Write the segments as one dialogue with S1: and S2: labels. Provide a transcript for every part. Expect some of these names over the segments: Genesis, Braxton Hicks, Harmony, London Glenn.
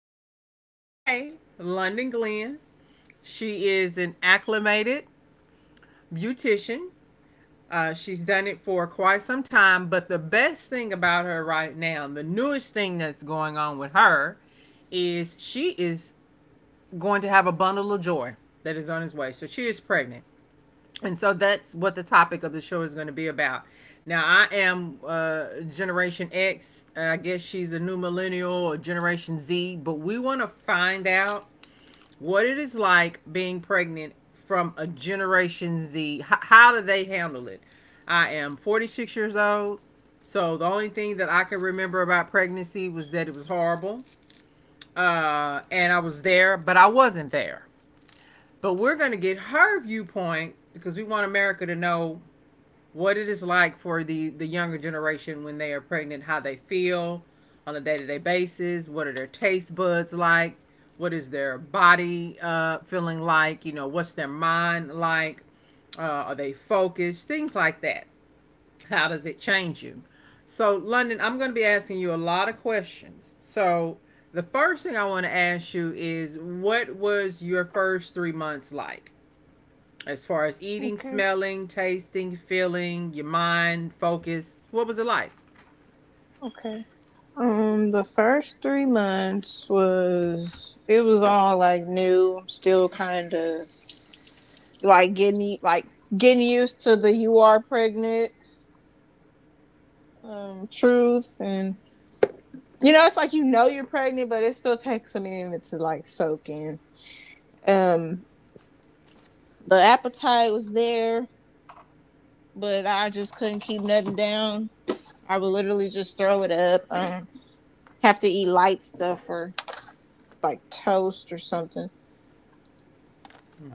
S1: my co host today, London Glenn. She is an acclimated beautician. She's done it for quite some time, but the best thing about her right now, the newest thing that's going on with her, is she is going to have a bundle of joy that is on its way. So she is pregnant. And so that's what the topic of the show is going to be about. Now, I am Generation X. I guess she's a new millennial or Generation Z, but we want to find out what it is like being pregnant from a Generation Z. How do they handle it? I am 46 years old, so the only thing that I can remember about pregnancy was that it was horrible. And I was there, but I wasn't there. But we're going to get her viewpoint because we want America to know what it is like for the younger generation when they are pregnant, how they feel on a day to day basis. What are their taste buds like? What is their body feeling like? You know, what's their mind like? Are they focused? Things like that. How does it change you? So, London, I'm going to be asking you a lot of questions. So, the first thing I want to ask you is, what was your first 3 months like? As far as eating,
S2: Okay,
S1: smelling, tasting, feeling, your mind, focus. What was it like?
S2: okay. The first 3 months was all like new. I'm still kind of like getting used to the you are pregnant truth, and you know it's like you know you're pregnant, but it still takes a minute to like soak in. Um, the appetite was there, but I just couldn't keep nothing down. I would literally just throw it up. Have to eat light stuff or like toast or something.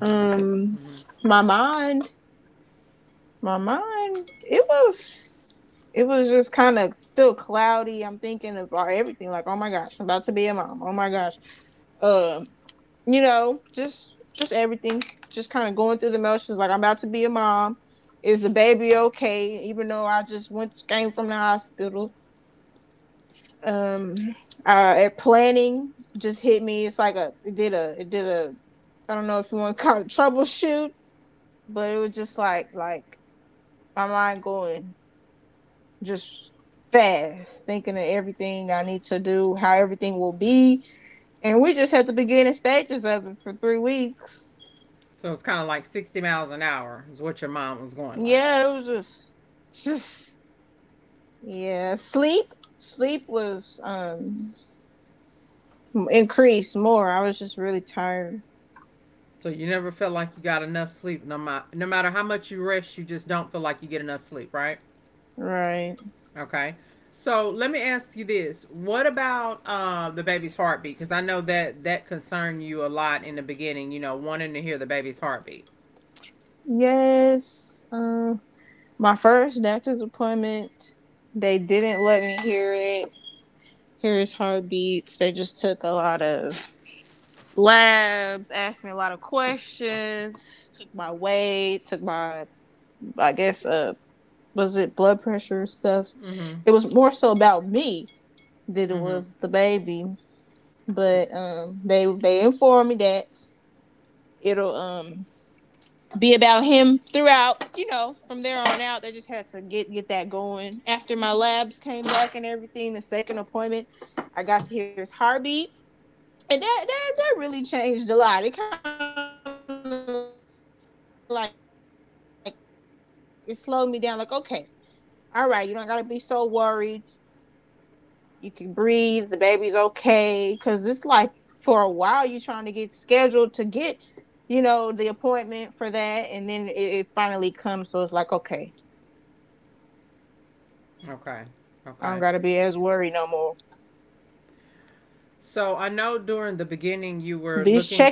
S2: Um,
S1: Mm-hmm.
S2: my mind, my mind, it was, it was just kind of still cloudy. I'm thinking about everything, like, oh my gosh, I'm about to be a mom. Oh my gosh, uh, you know, just everything, just kind of going through the motions. Like, I'm about to be a mom. Is the baby okay? Even though I just went came from the hospital. Um, Planning just hit me. It's like a, it did a, it did a. I don't know if you want to call it troubleshoot, but it was just like, my mind going just fast, thinking of everything I need to do, how everything will be. And we just had the beginning stages of it for 3 weeks.
S1: So it's kind of like 60 miles an hour is what your mind was going like.
S2: Yeah, it was just yeah. Sleep was increased more. I was just really tired.
S1: So you never felt like you got enough sleep. No, no matter how much you rest, you just don't feel like you get enough sleep, right?
S2: Right.
S1: Okay. So let me ask you this: what about the baby's heartbeat? Because I know that that concerned you a lot in the beginning. You know, wanting to hear the baby's heartbeat.
S2: Yes. My first doctor's appointment, they didn't let me hear it. Hear his heartbeats. They just took a lot of labs, asked me a lot of questions, took my weight, took my, I guess, was it blood pressure stuff?
S1: Mm-hmm.
S2: It was more so about me than it
S1: Mm-hmm.
S2: was the baby. But they informed me that it'll be about him throughout. You know, from there on out, they just had to get that going. After my labs came back and everything, the second appointment, I got to hear his heartbeat, and that really changed a lot. It kind of like it slowed me down. Like, okay, all right, you don't gotta be so worried. You can breathe. The baby's okay. Cause it's like for a while you're trying to get scheduled to get, you know, the appointment for that, and then it finally comes. So it's like, okay, I don't gotta be as worried no more.
S1: Okay. Okay. So I know
S2: These
S1: during the
S2: checkups
S1: beginning you
S2: help
S1: were looking.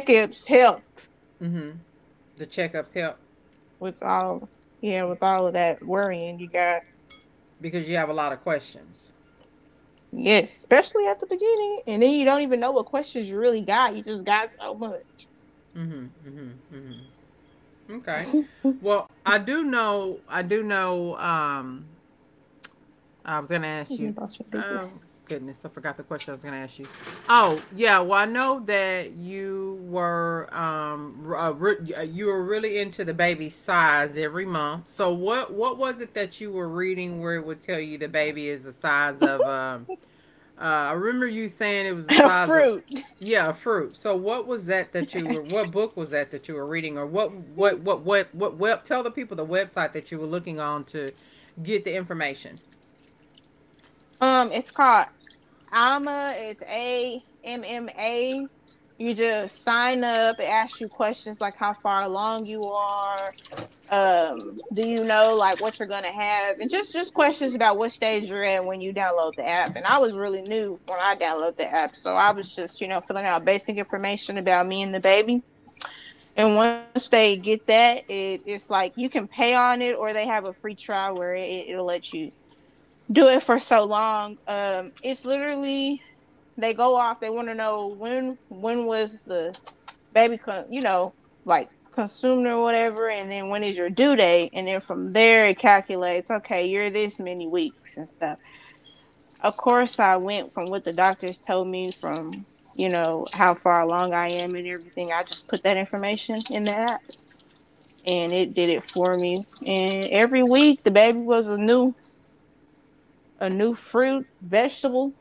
S1: Mm-hmm. The
S2: with
S1: checkups help
S2: all, yeah, with all of that worrying you got.
S1: because you have a lot of questions.
S2: Yes, especially at the beginning, and then you don't even know what questions you really got. You just got so much.
S1: Mm-hmm. Mm-hmm. Mm-hmm. Okay. Well, I do know. I do know. I was gonna
S2: Give
S1: ask
S2: me
S1: you.
S2: those for big.
S1: Oh goodness, I forgot the question I was gonna ask you. Oh yeah, well I know that you were you were really into the baby's size every month. So what was it that you were reading where it would tell you the baby is the size of I remember you saying it was the size of
S2: Fruit.
S1: yeah, a fruit. So what was that that you were, what book was that that you were reading, or what web, tell the people the website that you were looking on to get the information.
S2: It's called AMA, is AMMA. You just sign up. It asks you questions like how far along you are. Um, do you know like what you're gonna have, and just questions about what stage you're at when you download the app. And I was really new when I downloaded the app, so I was just filling out basic information about me and the baby. And once they get that, it's like you can pay on it, or they have a free trial where it'll let you do it for so long. It's literally they go off. They want to know when was the baby, you know, like consumed or whatever, and then when is your due date, and then from there it calculates. Okay, you're this many weeks and stuff. Of course, I went from what the doctors told me from you know how far along I am and everything. I just put that information in the app, and it did it for me. And every week, the baby was a new fruit vegetable.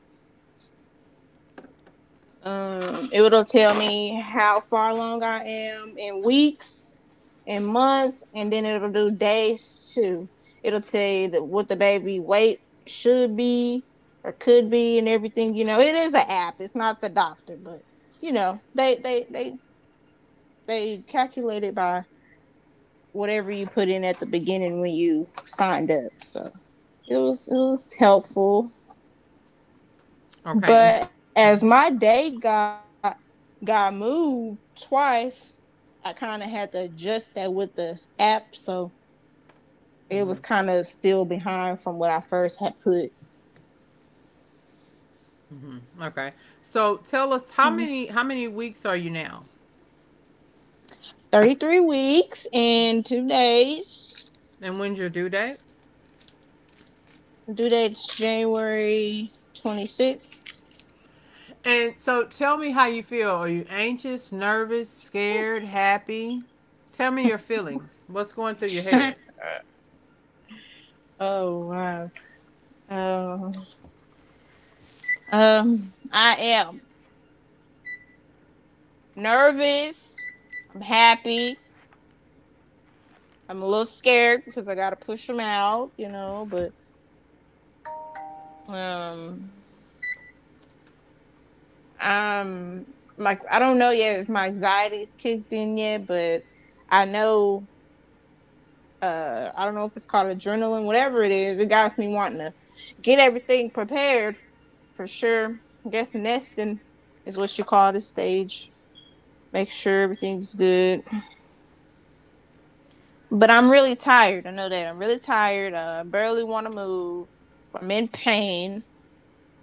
S2: It'll tell me how far along I am in weeks and months, and then it'll do days too. It'll tell you that what the baby weight should be or could be, and everything. You know, it is an app. It's not the doctor, but you know, they calculate it by whatever you put in at the beginning when you signed up. So it was helpful.
S1: Okay. And,
S2: But as my
S1: mhm,
S2: date got moved twice, I kind of had to adjust that with the app, so it was kind of
S1: mhm,
S2: still behind from what I first had put.
S1: mhm. Okay. So tell us, how many weeks are you now,
S2: 33 weeks and 2 days.
S1: and when's your due date?
S2: Due date's January 26th.
S1: And so tell me how you feel. Are you anxious, nervous, scared, happy? Tell me your feelings. What's going through your head?
S2: Oh wow. Oh. I am nervous. I'm happy. I'm a little scared because I gotta push them out, you know. But um, Um, like I don't know yet if my anxiety's kicked in yet, but I know I don't know if it's called adrenaline, whatever it is, it got me wanting to get everything prepared for sure. I guess nesting is what you call this stage. Make sure everything's good. But I'm really tired. I know that. I'm really tired. I barely wanna move. I'm in pain.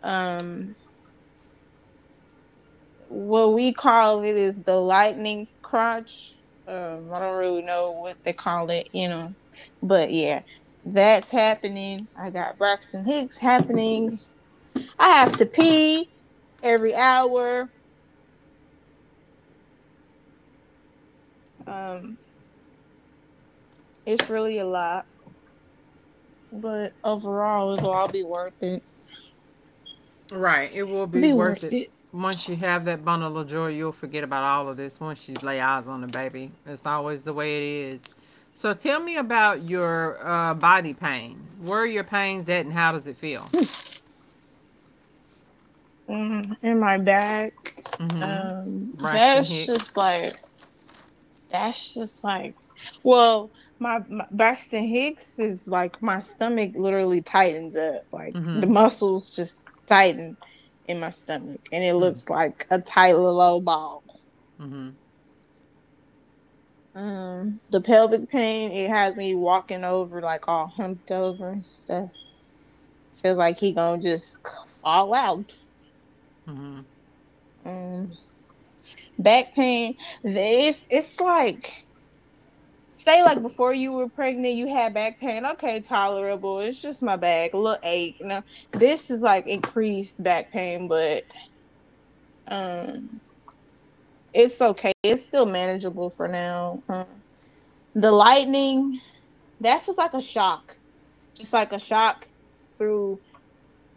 S2: Um what we call it is the lightning crotch. I don't really know what they call it, you know. But yeah, that's happening. I got Braxton Hicks happening. I have to pee every hour. Um, it's really a lot, but overall, it'll all be worth it.
S1: Right. It will be
S2: Be
S1: worth it.
S2: worth it.
S1: Once you have that bundle of joy, you'll forget about all of this once you lay eyes on the baby. It's always the way it is. So tell me about your body pain. Where are your pains at and how does it feel?
S2: Mm, in my bag.
S1: Mm-hmm.
S2: Um,
S1: Braxton
S2: that's
S1: Hicks.
S2: just like That's just like, well, my Braxton Hicks is like my stomach literally tightens up, like
S1: Mm-hmm.
S2: the muscles just tighten in my stomach, and it
S1: Mm-hmm.
S2: looks like a tight little ball.
S1: Mm-hmm.
S2: The pelvic pain it has me walking over like all humped over and stuff. Feels like he gonna just fall out.
S1: Mm-hmm.
S2: Um, Back pain, it's like, say, like before you were pregnant, you had back pain. Okay, tolerable. It's just my back, a little ache. Now this is like increased back pain, but um, it's okay. It's still manageable for now. The lightning, that feels like a shock, just like a shock through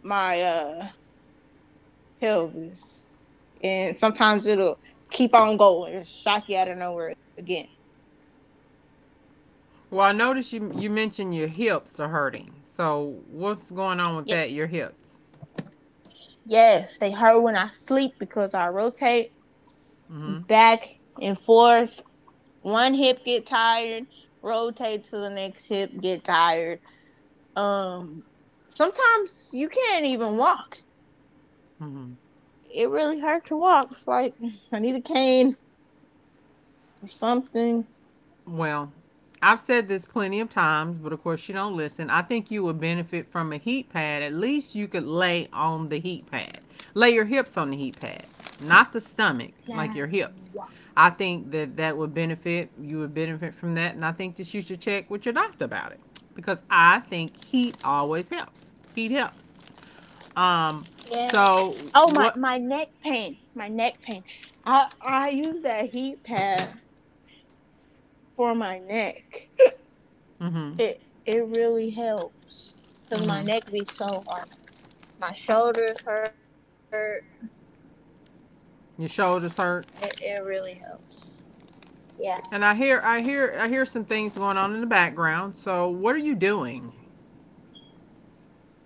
S2: my pelvis, and sometimes it'll keep on going. It'll shock you out of nowhere again.
S1: Well, I noticed you mentioned your hips are hurting. So what's going on with
S2: Yes,
S1: that? Your hips.
S2: yes, they hurt when I sleep because I rotate
S1: Mm-hmm.
S2: back and forth. One hip get tired, rotate to the next hip, get tired. Um, Sometimes you can't even walk.
S1: Mm-hmm.
S2: It really hurt to walk. It's like I need a cane or something.
S1: Well, I've said this plenty of times, but of course you don't listen. I think you would benefit from a heat pad. At least you could lay on the heat pad. Lay your hips on the heat pad, not the stomach, like your hips. I think that that would benefit. You would benefit from that, and I think that you should check with your doctor about it because I think heat always helps. Heat helps. Um.
S2: Yeah.
S1: So
S2: Oh, my
S1: what?
S2: my neck pain. My neck pain. I use that heat pad for my neck.
S1: Mm-hmm.
S2: It really helps cuz my
S1: Mm-hmm.
S2: neck be so hard. My shoulders hurt.
S1: Your
S2: It,
S1: shoulders
S2: it
S1: hurt.
S2: really helps. Yeah.
S1: And I hear some things going on in the background. So, what are you doing?
S2: Uh,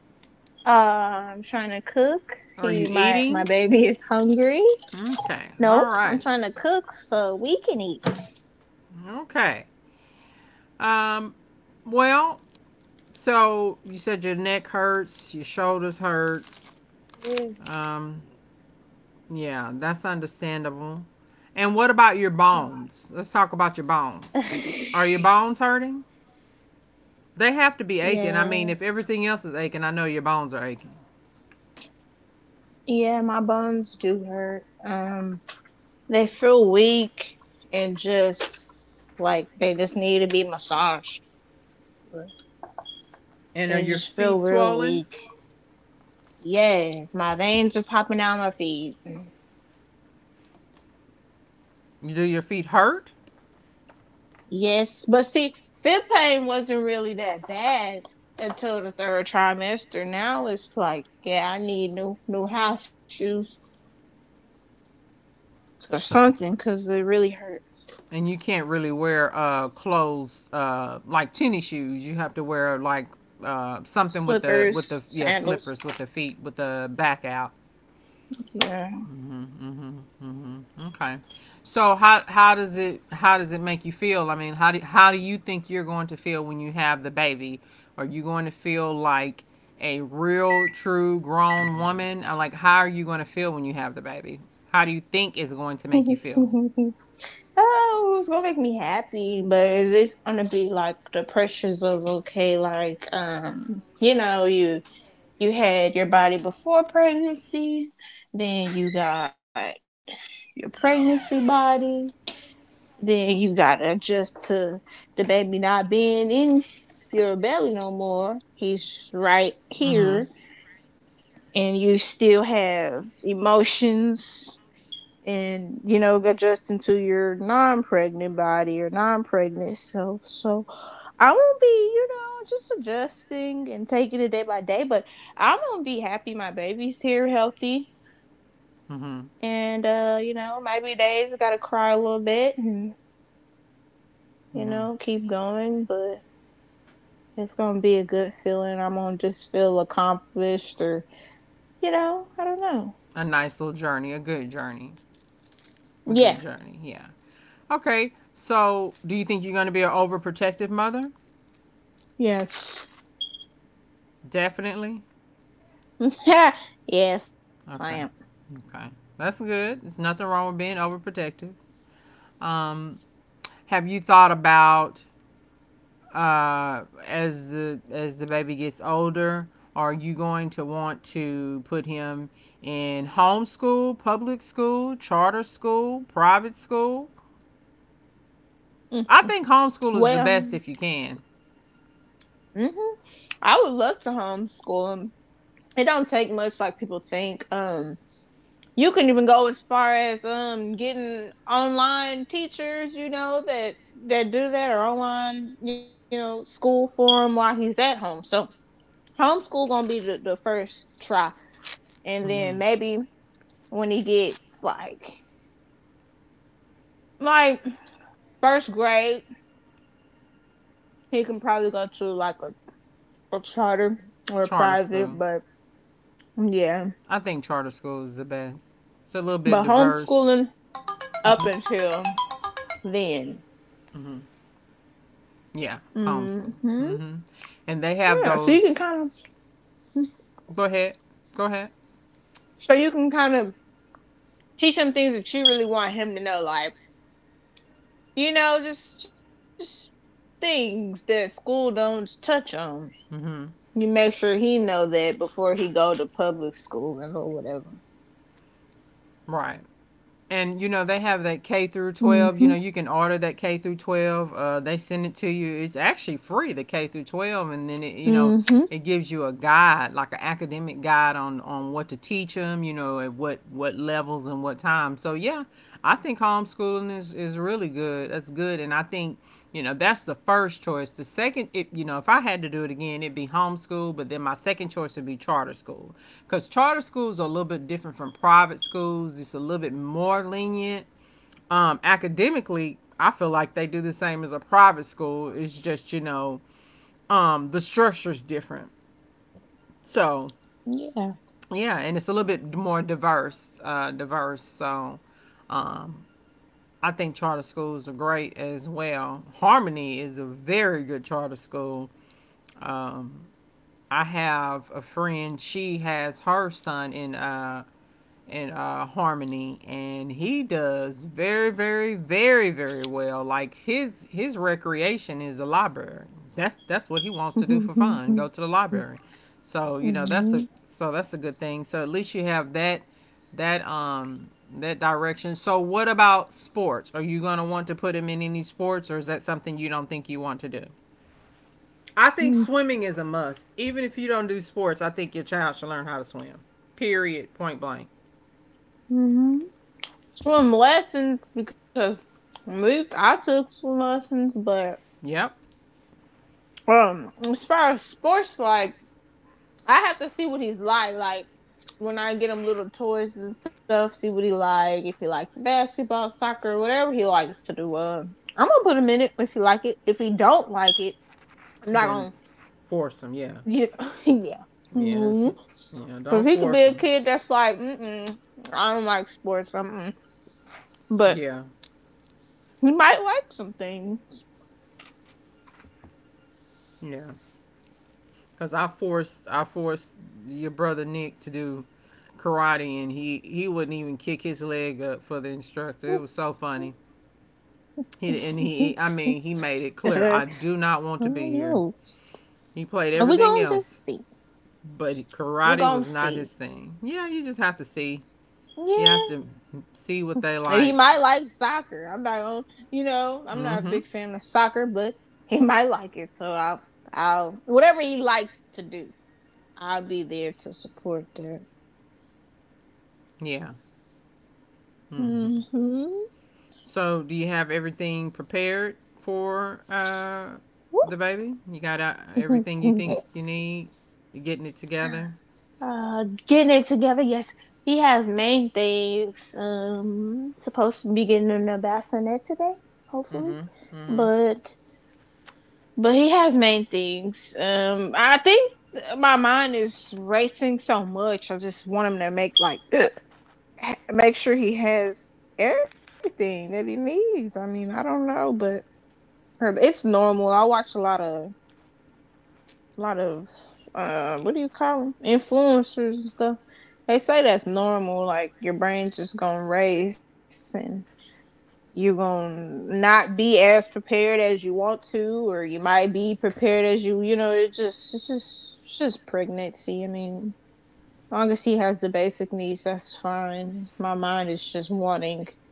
S2: I'm trying to cook. He, my
S1: Are
S2: my
S1: you
S2: baby is
S1: eating?
S2: hungry. No,
S1: Okay.
S2: I'm
S1: All
S2: trying to
S1: right.
S2: cook so we can
S1: Okay. Um. Well, so you said your neck hurts, your shoulders hurt.
S2: eat.
S1: Um. Yeah, that's understandable. And what about your bones? Let's talk about your bones. Are your bones hurting? They have to be aching. I mean,
S2: Yeah,
S1: if everything else is aching, I know your bones are aching.
S2: yeah, my bones do hurt. They feel weak and just like they just need to be massaged.
S1: And are
S2: They
S1: your
S2: just feel
S1: feet
S2: real
S1: swollen?
S2: weak. Yes, my veins are popping out my feet.
S1: Do your feet hurt?
S2: Yes, but see, fib pain wasn't really that bad until the third trimester. Now it's like, yeah, I need new new house shoes or something because it really hurt.
S1: And you can't really wear clothes like tennis shoes, you have to wear like something with
S2: Slippers,
S1: the yeah,
S2: sandals.
S1: slippers, with the feet with the back out.
S2: Yeah.
S1: Mm hmm hmm, hmm. Okay. So how does it, how does it make you feel? I mean, how do you think you're going to feel when you have the baby? Are you going to feel like a real true grown woman? Like, how are you going to feel when you have the baby? How do you think is going to make you feel?
S2: Oh, it's gonna make me happy, but it's gonna be like the pressures of okay, like you know, you had your body before pregnancy, then you got your pregnancy body, then you gotta adjust to the baby not being in your belly no more. He's right
S1: Mm-hmm.
S2: here, and you still have emotions, and you know, adjusting to your non-pregnant body or non-pregnant self. So I won't be, you know, just adjusting and taking it day by day. But I'm gonna be happy my baby's here, healthy,
S1: Mm-hmm.
S2: and you know, maybe days I gotta cry a little bit and you
S1: Mm-hmm.
S2: know keep going, but it's gonna be a good feeling. I'm gonna just feel accomplished or, you know, I don't know.
S1: A nice little journey, a good journey, a good
S2: Yeah.
S1: journey. Yeah. Okay. So, do you think you're going to be an overprotective mother?
S2: Yes.
S1: Definitely.
S2: Yes, I am.
S1: Okay. Okay. That's good. There's nothing wrong with being overprotective. Um, have you thought about as the baby gets older, are you going to want to put him in homeschool, public school, charter school, private school? I think homeschool is the
S2: Well,
S1: best if you can.
S2: I would love to homeschool 'em. It don't take much like people think. You can even go as far as getting online teachers, you know, that do that or online, you know, school for him while he's at home. So homeschool gonna be the first try, and then
S1: Mm-hmm.
S2: maybe when he gets like like first grade, he can probably go to like a charter or a
S1: Charter
S2: private,
S1: school.
S2: but yeah.
S1: I think charter school is the best. It's a little bit
S2: But
S1: diverse.
S2: homeschooling up
S1: Mm-hmm.
S2: until then.
S1: Mm-hmm. Yeah, homeschool.
S2: Mm-hmm.
S1: Mm-hmm. And they
S2: Yeah.
S1: have
S2: So you can
S1: those.
S2: kind of,
S1: Go ahead. Go ahead.
S2: so you can kind of teach him things that you really want him to know, like you know, just things that school don't touch on. You make sure
S1: Mm-hmm.
S2: he know that before he go to public school and or whatever.
S1: Right. And you know they have
S2: Mm-hmm.
S1: that K through 12. You know you can order that K through 12. They send it to you. It's actually free, the K through 12, and then it,
S2: Mm-hmm.
S1: you know, it gives you a guide, like an academic guide on what to teach them. You know, at what levels and what time. So yeah, I think homeschooling is really good. That's good. And I think, you know, that's the first choice. The second, if, you know, if I had to do it again, it'd be homeschool, but then my second choice would be charter school. Because charter schools are a little bit different from private schools, just a little bit more lenient. Academically, I feel like they do the same as a private school. It's just, you know, the structure's different. So,
S2: Yeah.
S1: yeah, and it's a little bit more diverse, diverse. So, um, I think charter schools are great as well. Harmony is a very good charter school. Um, I have a friend; she has her son in and harmony, and he does very well. Like, his recreation is the library. That's what he wants to do for fun, go
S2: Mm-hmm.
S1: to the library. So you know, that's
S2: Mm-hmm.
S1: a, so that's a good thing. So at least you have that, that um that direction. So what about sports? Are you going to want to put him in any sports, or is that something you don't think you want to do? I think swimming is a must. Even if you don't do sports, I think your child should learn how to swim, period, point blank.
S2: hmm Swim lessons because we I took swim lessons, but
S1: Yep.
S2: as far as sports, like I have to see what he's like. Like when I get him little toys and stuff, see what he like. If he like basketball, soccer, whatever he likes to do. I'm gonna put him in it if he like it. If he don't like it, I'm not gonna.
S1: Then force them. Yeah,
S2: You know, yeah.
S1: yeah, it's,
S2: Mm-hmm.
S1: yeah.
S2: Cause
S1: Don't
S2: he could be
S1: force
S2: a
S1: them.
S2: kid that's like, I don't like sports, but
S1: Yeah,
S2: he might like some things.
S1: yeah. Cause I forced your brother Nick to do karate, and he wouldn't even kick his leg up for the instructor. It was so funny. He I mean, he made it
S2: Yeah,
S1: clear,
S2: I
S1: I do not want to be
S2: don't
S1: here.
S2: know.
S1: He played
S2: We
S1: everything
S2: gonna just
S1: else,
S2: see.
S1: but
S2: We're
S1: karate was
S2: gonna
S1: not his
S2: see.
S1: thing. Yeah, you just have to see. You have to
S2: Yeah.
S1: see what they
S2: He
S1: like.
S2: might like soccer. I'm not going to I'm not a
S1: Mm-hmm.
S2: big fan of soccer, but he might like it. So I'll whatever he likes to do, I'll be there to support that.
S1: Yeah. Mm-hmm.
S2: Mm-hmm.
S1: So, do you have everything prepared for the baby? You got everything you think you need? You're getting it together?
S2: Getting it together, yes. He has main things. Supposed to be getting in a bassinet today, hopefully.
S1: Mm-hmm. Mm-hmm.
S2: But But he has made things. I think my mind is racing so much. I just want him to make like make sure he has everything that he needs. I mean, I don't know, but it's normal. I watch a lot of what do you call them, influencers and stuff. They say that's normal. Like your brain's just gonna race and you're going to not be as prepared as you want to, or you might be prepared as you you know It's just pregnancy. I mean, as long as he has the basic needs, that's fine. My mind is just wanting,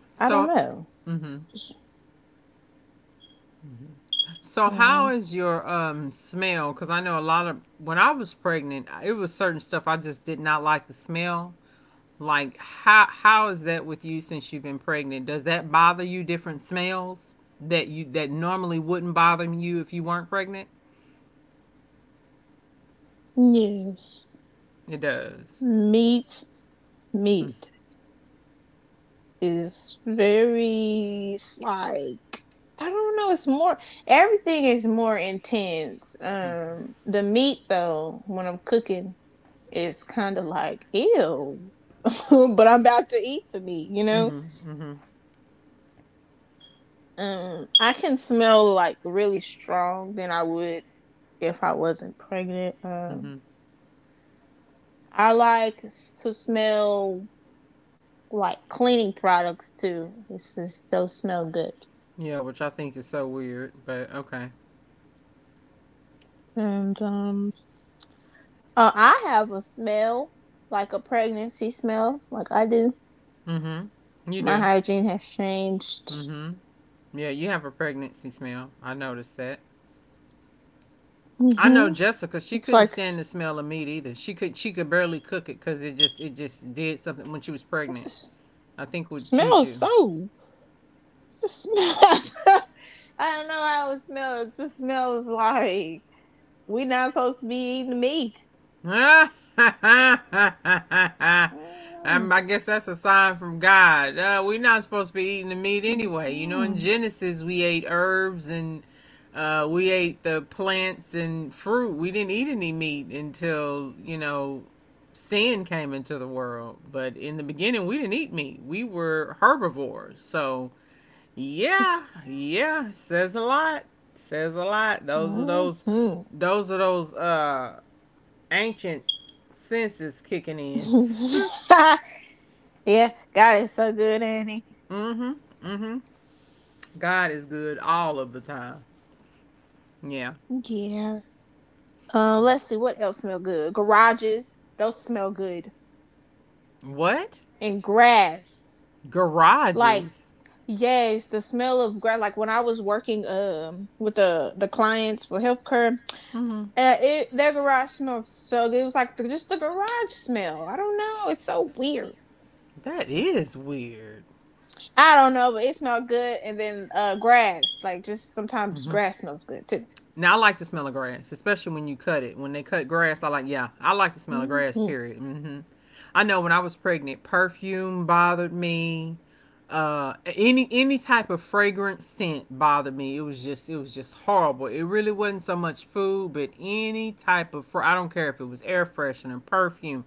S2: I don't
S1: So,
S2: know,
S1: mm-hmm.
S2: just
S1: Mm-hmm. So,
S2: yeah.
S1: how is your smell? Because I know a lot of, when I was pregnant, it was certain stuff I just did not like the smell. Like, how is that with you since you've been pregnant? Does that bother you? Different smells that you, that normally wouldn't bother you if you weren't pregnant.
S2: Yes.
S1: It does.
S2: meat Meat
S1: Mm.
S2: is very like, I don't know. It's more, everything is more intense. The meat though, when I'm cooking, it's kind of like ew, but I'm about to eat the meat, you know.
S1: Mm-hmm. Mm-hmm.
S2: I can smell like really strong than I would if I wasn't pregnant.
S1: Mm-hmm.
S2: I like to smell like cleaning products too. It's just those smell good.
S1: Yeah, which I think is so weird, but okay.
S2: And I have a smell like a pregnancy smell, like I do.
S1: Mm-hmm. You
S2: My
S1: do.
S2: hygiene has changed.
S1: Mm-hmm. Yeah, you have a pregnancy smell. I noticed that.
S2: Hmm.
S1: I know Jessica.
S2: It's
S1: She
S2: like
S1: couldn't stand the smell of meat either. She could. She could barely cook it because it just. It just did something when she was
S2: it
S1: pregnant.
S2: just
S1: I think with
S2: smells
S1: Juju.
S2: so, just smells. I don't know how it smells. It just smells like we are not supposed to be eating meat.
S1: Um, I guess that's a sign from God. We're not supposed to be eating the meat anyway. You know, in
S2: Mm.
S1: Genesis, we ate herbs and we ate the plants and fruit. We didn't eat any meat until sin came into the world. But in the beginning, we didn't eat meat, we were herbivores. So, yeah, yeah, says a lot. Says a lot. Those are those
S2: Mm.
S1: those are those uh ancient senses kicking in.
S2: Mhm. Yeah, God is so good, Annie.
S1: Mm-hmm. Mm-hmm. God is good all of the time. Yeah.
S2: Yeah. Let's see what else smell good. Garages, those smell good.
S1: What?
S2: And grass, like
S1: Garages.
S2: yes, the smell of grass. Like when I was working with the clients for healthcare,
S1: Mm-hmm.
S2: Their garage smells so good. It was like just the garage smell. I don't know. It's so weird.
S1: That is weird.
S2: I don't know, but it smelled good. And then grass, like just sometimes
S1: Mm-hmm.
S2: grass smells good too.
S1: Now I like the smell of grass, especially when you cut it. When they cut grass, I like yeah, I like the smell of grass.
S2: Mm-hmm.
S1: Period. I know when I was pregnant, perfume bothered me. Any type of fragrant scent bothered me. It was just horrible. It really wasn't so much food, but any type of fr- I don't care if it was air freshener, perfume,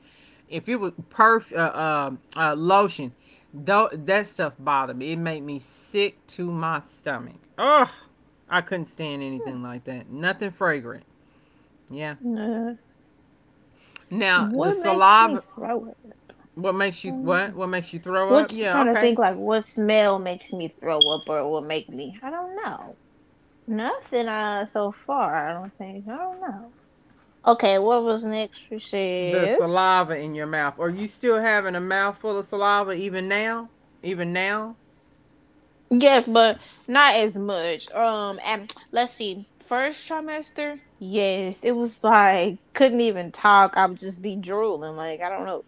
S1: if it was perf lotion, though that stuff bothered me. It made me sick to my stomach. Ugh. I couldn't stand anything like that. Nothing fragrant. Yeah.
S2: Uh,
S1: Now the
S2: what makes me
S1: saliva.
S2: throw up?
S1: What makes you what?
S2: Mm.
S1: What makes you throw up?
S2: What I'm
S1: Yeah.
S2: trying to think,
S1: Okay.
S2: like what smell makes me throw up or will make me? I don't know. Nothing so far. I don't think. I don't know. Okay, what was next? We
S1: The
S2: said
S1: saliva in your mouth. Are you still having a mouthful of saliva even now? Even now?
S2: yes, but not as much. And let's see, first trimester, yes, it was like couldn't even talk. I would just be drooling, like I don't know.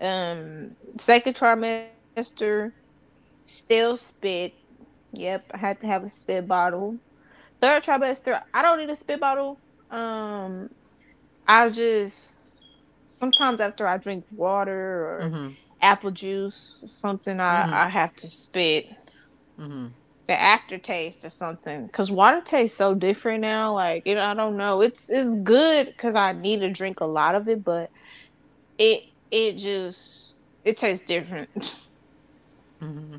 S2: Um, Second trimester, still spit. Yep, I had to have a spit bottle. Third trimester, I don't need a spit bottle. Um, I just sometimes after I drink water or
S1: Mm-hmm.
S2: apple juice, or something, I
S1: Mm-hmm.
S2: I have to spit.
S1: Mm-hmm.
S2: The aftertaste or something. Cause water tastes so different now. Like you know, I don't know. It's good because I need to drink a lot of it, but it it just it tastes different.
S1: Mm-hmm.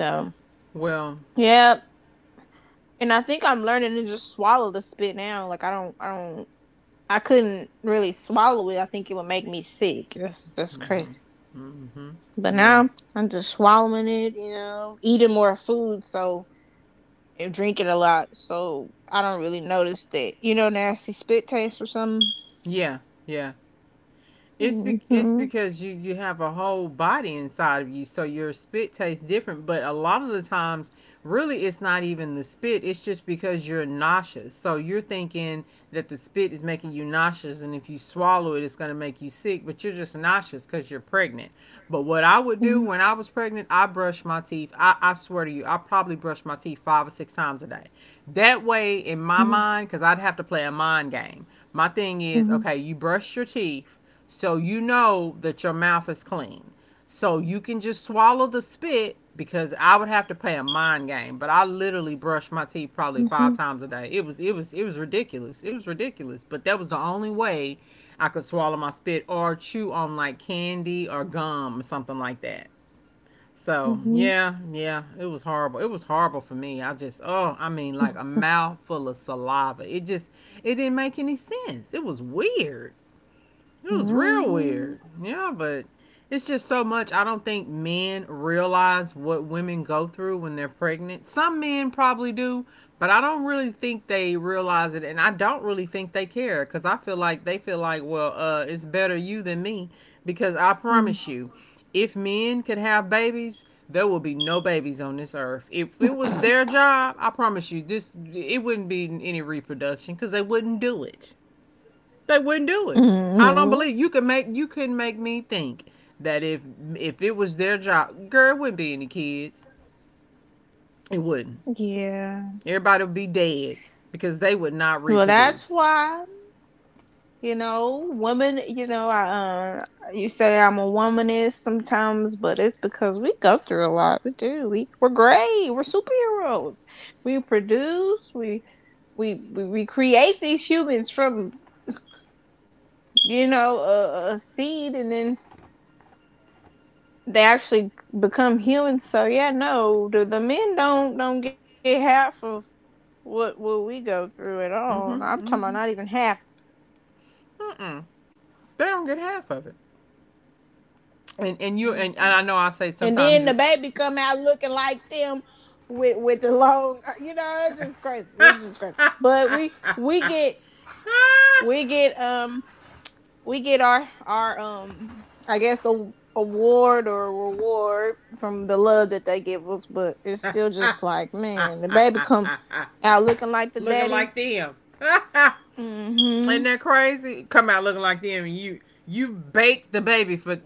S2: So
S1: Well.
S2: yeah, and I think I'm learning to just swallow the spit now. Like I don't, I couldn't really swallow it. I think it would make me sick. That's crazy.
S1: Mm-hmm. Mm-hmm.
S2: But
S1: Yeah.
S2: now I'm just swallowing it. You know, eating more food, so and drinking a lot, so I don't really notice that. You know, nasty spit taste or something.
S1: Yeah. Yeah. It's because you have a whole body inside of you, so your spit tastes different. But a lot of the times, really, it's not even the spit. It's just because you're nauseous. So you're thinking that the spit is making you nauseous, and if you swallow it, it's going to make you sick. But you're just nauseous because you're pregnant. But what I would do when I was pregnant, I brushed my teeth. I swear to you, I probably brushed my teeth 5 or 6 times a day. That way, in my mind, because I'd have to play a mind game. My thing is, okay, you brush your teeth so you know that your mouth is clean. So you can just swallow the spit, because I would have to play a mind game, but I literally brushed my teeth probably 5 times a day. It was ridiculous. It was ridiculous, but that was the only way I could swallow my spit or chew on like candy or gum or something like that. So, yeah, yeah, it was horrible. It was horrible for me. I just Oh, I mean, like a mouthful of saliva. It didn't make any sense. It was weird. It was real weird. Yeah, but it's just so much. I don't think men realize what women go through when they're pregnant. Some men probably do, but I don't really think they realize it. And I don't really think they care, because I feel like they feel like, well, it's better you than me. Because I promise you, if men could have babies, there will be no babies on this earth. If it was their job, I promise you, this it wouldn't be any reproduction, because they wouldn't do it. They wouldn't do it. I don't believe you couldn't make me think that if it was their job, girl, it wouldn't be any kids. It wouldn't.
S2: Yeah.
S1: Everybody would be dead because they would not
S2: Well, that's
S1: reproduce.
S2: why, you know, women. You know, I you say I'm a womanist sometimes, but it's because we go through a lot. We do. We're great. We're superheroes. We produce. We create these humans from, you know, a seed, and then they actually become humans. So yeah, no, the men don't get half of what we go through at all.
S1: Mm-hmm.
S2: I'm talking about
S1: Mm-hmm.
S2: not even half.
S1: Mm-mm. They don't get half of it. And you and
S2: Mm-mm.
S1: I know I say
S2: And
S1: sometimes
S2: then the
S1: you.
S2: baby come out looking like them with the long, you know, it's just crazy. It's just crazy. But we get um we get our I guess a award or a reward from the love that they give us, but it's still just like man, the baby come out looking like the
S1: Looking like
S2: daddy.
S1: them. Ain't that
S2: Mm-hmm.
S1: crazy? Come out looking like them. And you bake the baby for,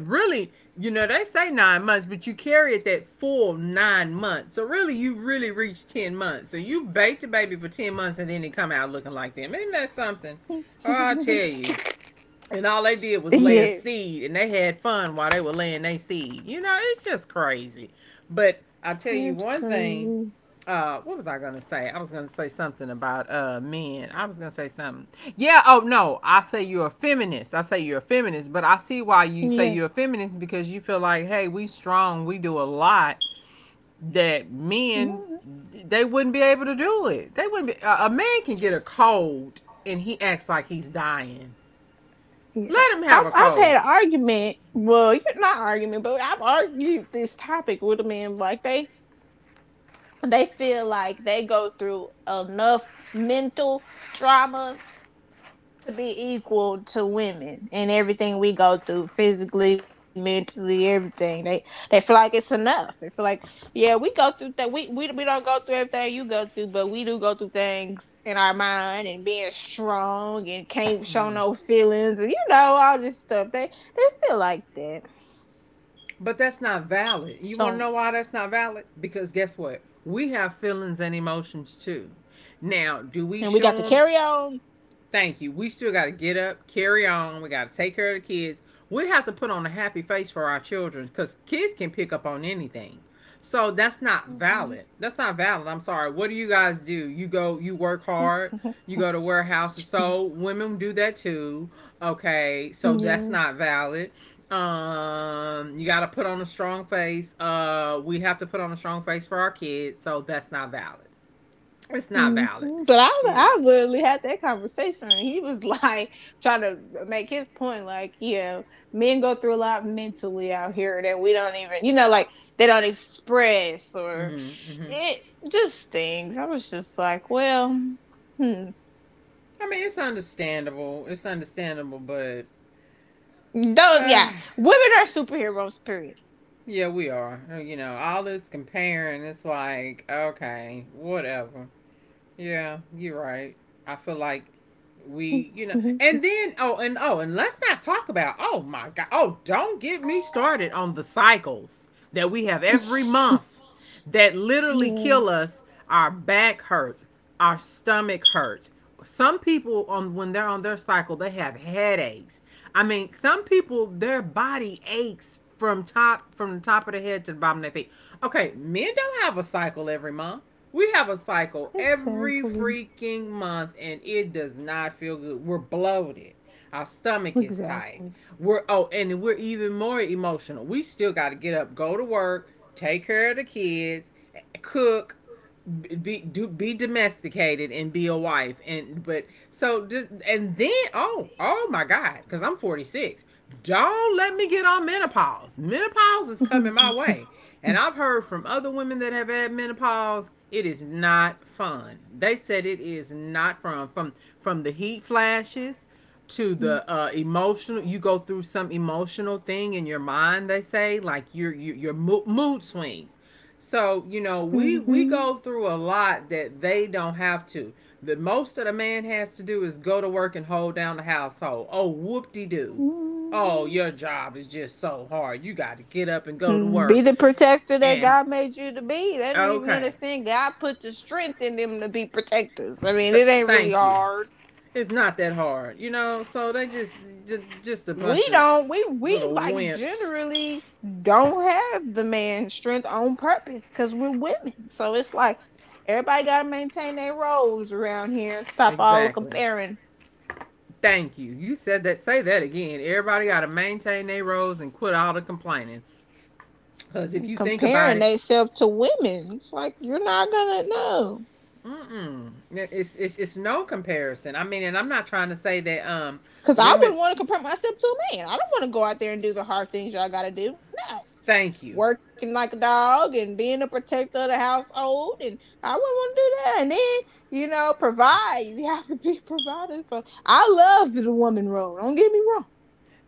S1: really, they say 9 months, but you carry it that full 9 months. So really, you really reach 10 months. So you bake the baby for 10 months, and then it come out looking like them. Isn't that something? Oh, I tell you. And all they did was lay a
S2: Yeah,
S1: seed, and they had fun while they were laying their seed. You know, it's just crazy. But I tell
S2: it's
S1: you one
S2: crazy.
S1: thing, what was I gonna say? I was gonna say something about men. I was gonna say something. Yeah, oh no, I say you're a feminist. I say you're a feminist, but I see why you
S2: Yeah.
S1: say you're a feminist, because you feel like, hey, we strong, we do a lot that men,
S2: Mhm.
S1: they wouldn't be able to do it. They wouldn't be. A man can get a cold and he acts like he's dying.
S2: Yeah,
S1: Let him have a
S2: I've
S1: cold.
S2: had an argument. Well, you- not argument, but I've argued this topic with a man. Like they feel like they go through enough mental trauma to be equal to women and everything we go through physically, mentally, everything. They feel like it's enough. They feel like yeah, we go through that. We don't go through everything you go through, but we do go through things in our mind, and being strong and can't show
S1: Mm.
S2: no feelings, and you know, all this stuff. They feel like that.
S1: But that's not valid. You want to
S2: So
S1: know why that's not valid? Because guess what? We have feelings and emotions too. Now, do we
S2: and we got to
S1: show them?
S2: carry on.
S1: Thank you. We still got to get up, carry on. We got to take care of the kids. We have to put on a happy face for our children, because kids can pick up on anything. So that's not
S2: Mm-hmm.
S1: valid. That's not valid. I'm sorry. What do you guys do? You go, you work hard, you go to warehouses. So women do that too. Okay. So that's
S2: Yeah.
S1: not valid. You got to put on a strong face. We have to put on a strong face for our kids. So that's not valid. It's not
S2: Hmm.
S1: valid,
S2: But
S1: you know.
S2: I literally had that conversation. And he was like trying to make his point, like, yeah, men go through a lot mentally out here that we don't even, you know, like they don't express or
S1: hmm hmm
S2: it just things. I was just like, well, hmm.
S1: I mean, it's understandable. It's understandable, but
S2: Don't,
S1: uh,
S2: yeah, women are superheroes, period.
S1: yeah, we are. You know, all this comparing, it's like okay, whatever. Yeah, you're right. I feel like we, and
S2: Mm-hmm.
S1: then oh, and oh, and let's not talk about oh my god, oh, don't get me started on the cycles that we have every month that literally kill
S2: Yeah,
S1: us. Our back hurts, our stomach hurts. Some people on when they're on their cycle, they have headaches. I mean, some people, their body aches from the top of the head to the bottom of their feet. Okay, men don't have a cycle every month. We have a cycle every
S2: exactly,
S1: freaking month, and it does not feel good. We're bloated. Our stomach is tight.
S2: exactly.
S1: We're oh, and we're even more emotional. We still got to get up, go to work, take care of the kids, cook, be domesticated and be a wife, and but so just and then oh my god, because I'm 46, don't let me get on menopause. Menopause is coming my way, and I've heard from other women that have had menopause, it is not fun. They said it is not fun, from the heat flashes to the emotional. You go through some emotional thing in your mind, they say, like your mood swings. So, you know, we
S2: Hmm.
S1: go through a lot that they don't have to. The most that a man has to do is go to work and hold down the household. Oh, whoop-de-doo. Oh, your job is just so hard, you got to get up and go
S2: Mm,
S1: to
S2: be the
S1: work.
S2: protector that God
S1: And
S2: made you to be. They don't even
S1: okay.
S2: understand God put the strength in them to be protectors. I mean,
S1: Th-
S2: it ain't really
S1: thank you,
S2: hard.
S1: it's not that hard, you know. So they just a bunch of
S2: We
S1: little
S2: like
S1: wimps.
S2: generally don't have the man strength on purpose, because we're women. So it's like everybody got to maintain their roles around here and stop all
S1: Exactly.
S2: comparing,
S1: Thank you. You said that. Say that again. Everybody got to maintain their roles and quit all the complaining. Cause if you think about
S2: comparing
S1: it,
S2: themselves to women. It's like, you're not gonna know.
S1: mm-mm, it's no comparison. I mean, and I'm not trying to say that
S2: Cause I
S1: women.
S2: wouldn't want to compare myself to a man. I don't want to go out there and do the hard things y'all gotta do. No.
S1: Thank
S2: Working
S1: you.
S2: like a dog and being a protector of the household, and I wouldn't want to do that. And then, you know, provide. You have to be provider. So I love the woman role. Don't get me wrong.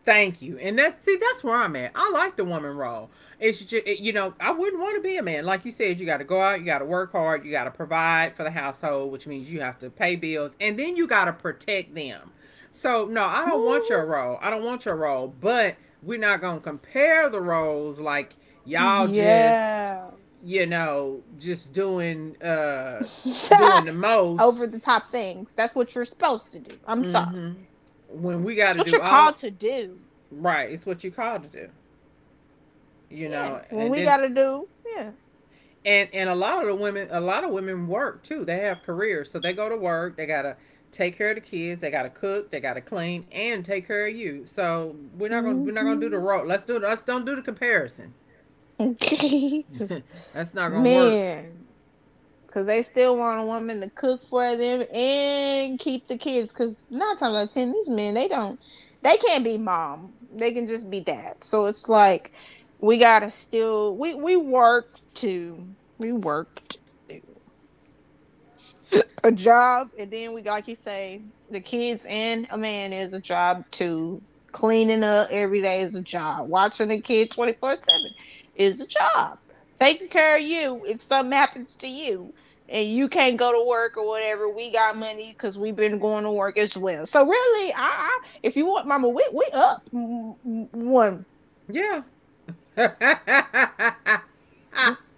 S1: Thank you. And that's see, that's where I'm at. I like the woman role. It's just it, I wouldn't want to be a man. Like you said, you got to go out, you got to work hard, you got to provide for the household, which means you have to pay bills, and then you got to protect them. So no, I don't want your
S2: Mhm.
S1: role. I don't want your role. But we're not gonna compare the roles, like y'all just,
S2: Yeah.
S1: you know, just doing the most.
S2: Over the top things. That's what you're supposed to do. I'm sorry.
S1: Mm-hmm. When we
S2: It's
S1: got to
S2: what you're
S1: do
S2: called
S1: all.
S2: to do.
S1: Right, it's what you called to do. You
S2: Yeah.
S1: know,
S2: When
S1: and
S2: we
S1: then
S2: gotta do, yeah.
S1: and a lot of the women a lot of women work too, they have careers, so they go to work, they gotta take care of the kids, they gotta cook, they gotta clean and take care of you. So we're not gonna do the
S2: Mm
S1: road. Let's don't do the comparison.
S2: hmm.
S1: That's not gonna work.
S2: Man, because they still want a woman to cook for them and keep the kids. Because nine times out of ten, these men they can't be mom. They can just be dad. So it's like we gotta still we we work we work to a job, and then we, like you say, the kids. And a man is a job too. Cleaning up every day is a job. Watching the kid 24/7 is a job. Taking care of you if something happens to you and you can't go to work or whatever, we got money because we've been going to work as well. So really, I if you want, Mama, we up one,
S1: Yeah.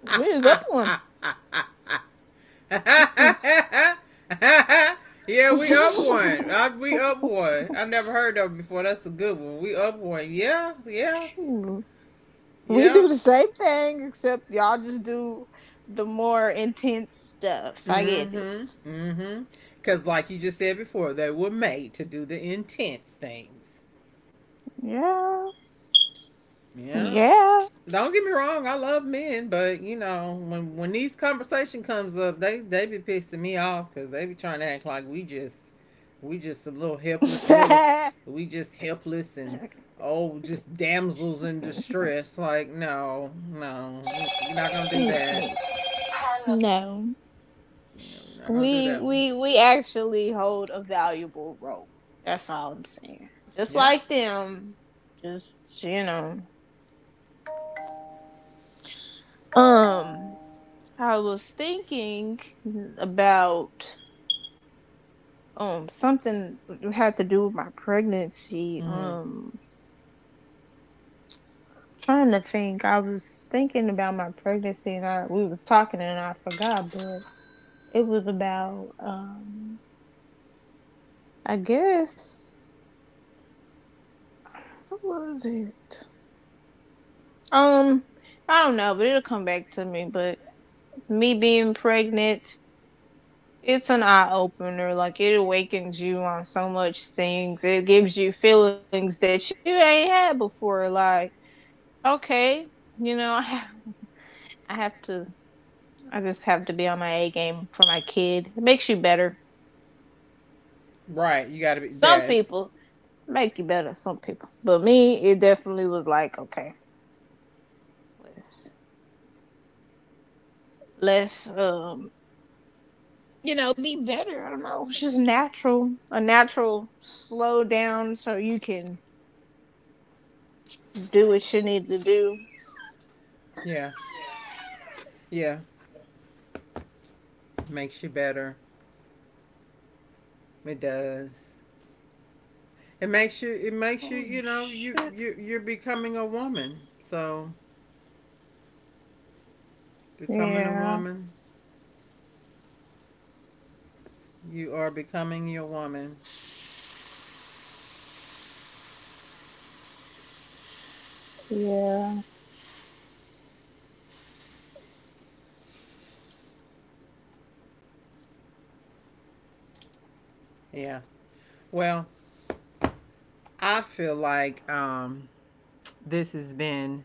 S2: we is up one.
S1: Yeah, we up
S2: Mm.
S1: one. We up one. I never heard of it before. That's a good one. We up one. Yeah, yeah,
S2: We
S1: yeah.
S2: do the same thing, except y'all just do the more intense stuff. I get it.
S1: Mm-hmm. Mm-hmm. Cause like you just said before, they were made to do the intense things.
S2: Yeah.
S1: Yeah.
S2: Yeah.
S1: Don't get me wrong, I love men, but you know when these conversation comes up, they be pissing me off, because they be trying to act like we just some little helpless little, we just helpless and oh, just damsels in distress. Like, no, no, you're not gonna do that.
S2: No.
S1: You're not gonna do
S2: We
S1: that one.
S2: we we actually hold a valuable role. That's all I'm saying. Just
S1: Yeah.
S2: like them. Just, you know. Um, I was thinking about something that had to do with my pregnancy.
S1: hmm
S2: Trying to think, I was thinking about my pregnancy, and I, we were talking, and I forgot, but it was about I guess what was it? Um, I don't know, but it'll come back to me. But me being pregnant, it's an eye opener. Like it awakens you on so much things. It gives you feelings that you ain't had before. Like okay, you know, I have to. I just have to be on my A game for my kid. It makes you better.
S1: Right, you got to be
S2: Some
S1: there.
S2: people make you better. Some people, but me, it definitely was like, okay, let's let's you know, be better. I don't know. It's just natural, a natural slow down, so you can do what you need to do.
S1: Yeah, yeah, makes you better. It does. It makes you. It makes
S2: Oh
S1: you. You know. You.
S2: shit!
S1: You. You're becoming a woman. So becoming a
S2: Yeah,
S1: woman. You are becoming your woman.
S2: yeah.
S1: Yeah. Well, I feel like this has been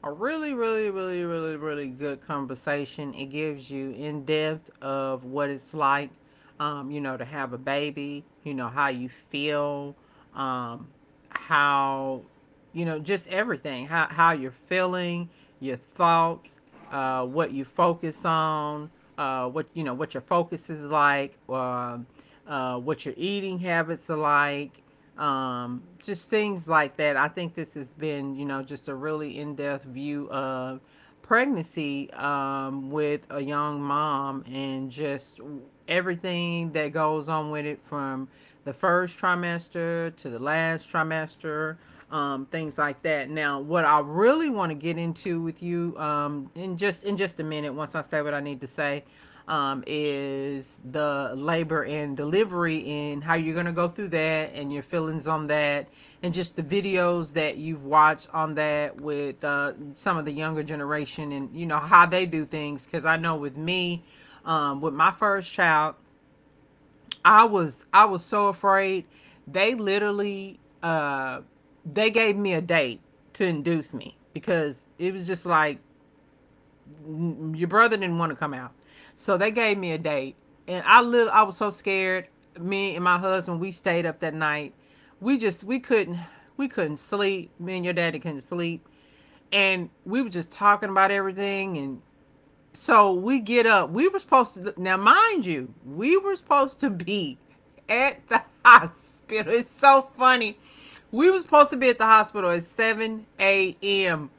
S1: a really, really, really, really, really good conversation. It gives you in depth of what it's like, to have a baby, how you feel, um, how, just everything, how you're feeling, your thoughts, what you focus on, what your focus is like, what your eating habits are like, just things like that. I think this has been just a really in depth view of pregnancy with a young mom and just everything that goes on with it from the first trimester to the last trimester, things like that. Now, what I really want to get into with you in just a minute, once I say what I need to say, is the labor and delivery and how you're going to go through that and your feelings on that, and just the videos that you've watched on that with some of the younger generation and you know how they do things. Because I know with me, with my first child, I was so afraid. They literally they gave me a date to induce me because it was just like your brother didn't want to come out. So they gave me a date and I was so scared. Me and my husband, we stayed up that night. We just we couldn't we couldn't sleep. Me and your daddy couldn't sleep. And we were just talking about everything, and so we get up. We were supposed to, now, mind you, we were supposed to be at the hospital. It's so funny. We were supposed to be at the hospital at 7 a.m.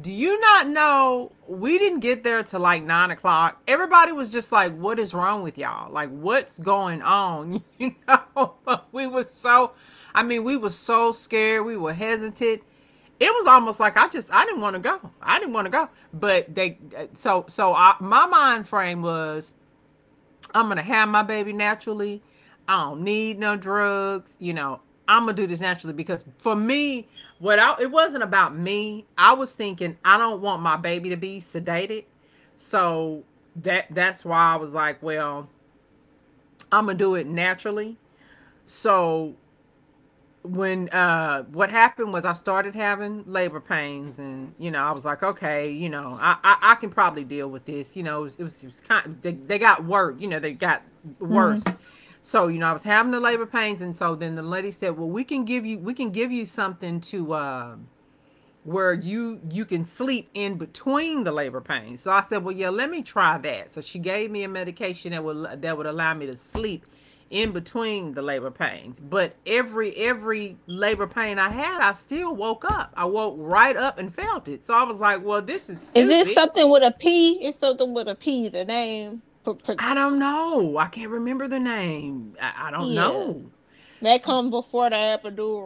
S1: Do you not know we didn't get there till like 9 o'clock? Everybody was just like, "What is wrong with y'all? Like, what's going on?" You know, we were so, I mean, we were so scared, we were hesitant, it was almost like I didn't want to go. I didn't want to go. But they, so I, my mind frame was I'm gonna have my baby naturally. I don't need no drugs. You know, I'm gonna do this naturally because for me, it wasn't about me. I was thinking I don't want my baby to be sedated. So that's why I was like, well, I'm gonna do it naturally. So when what happened was I started having labor pains, and you know I was like, okay, you know, I can probably deal with this. You know, it was kind of, they got worse. You know, they got
S2: Hmm.
S1: worse. So you know I was having the labor pains, and so then the lady said, well, we can give you something to where you can sleep in between the labor pains. So I said, well, yeah, let me try that. So she gave me a medication that would allow me to sleep in between the labor pains. But every labor pain I had, I still woke up. I woke right up and felt it. So I was like, well, this is
S2: Is it
S1: stupid.
S2: something with a P? It's something with a P. The name,
S1: I don't know. I can't remember the name. I don't
S2: yeah,
S1: know.
S2: that comes before the epidural.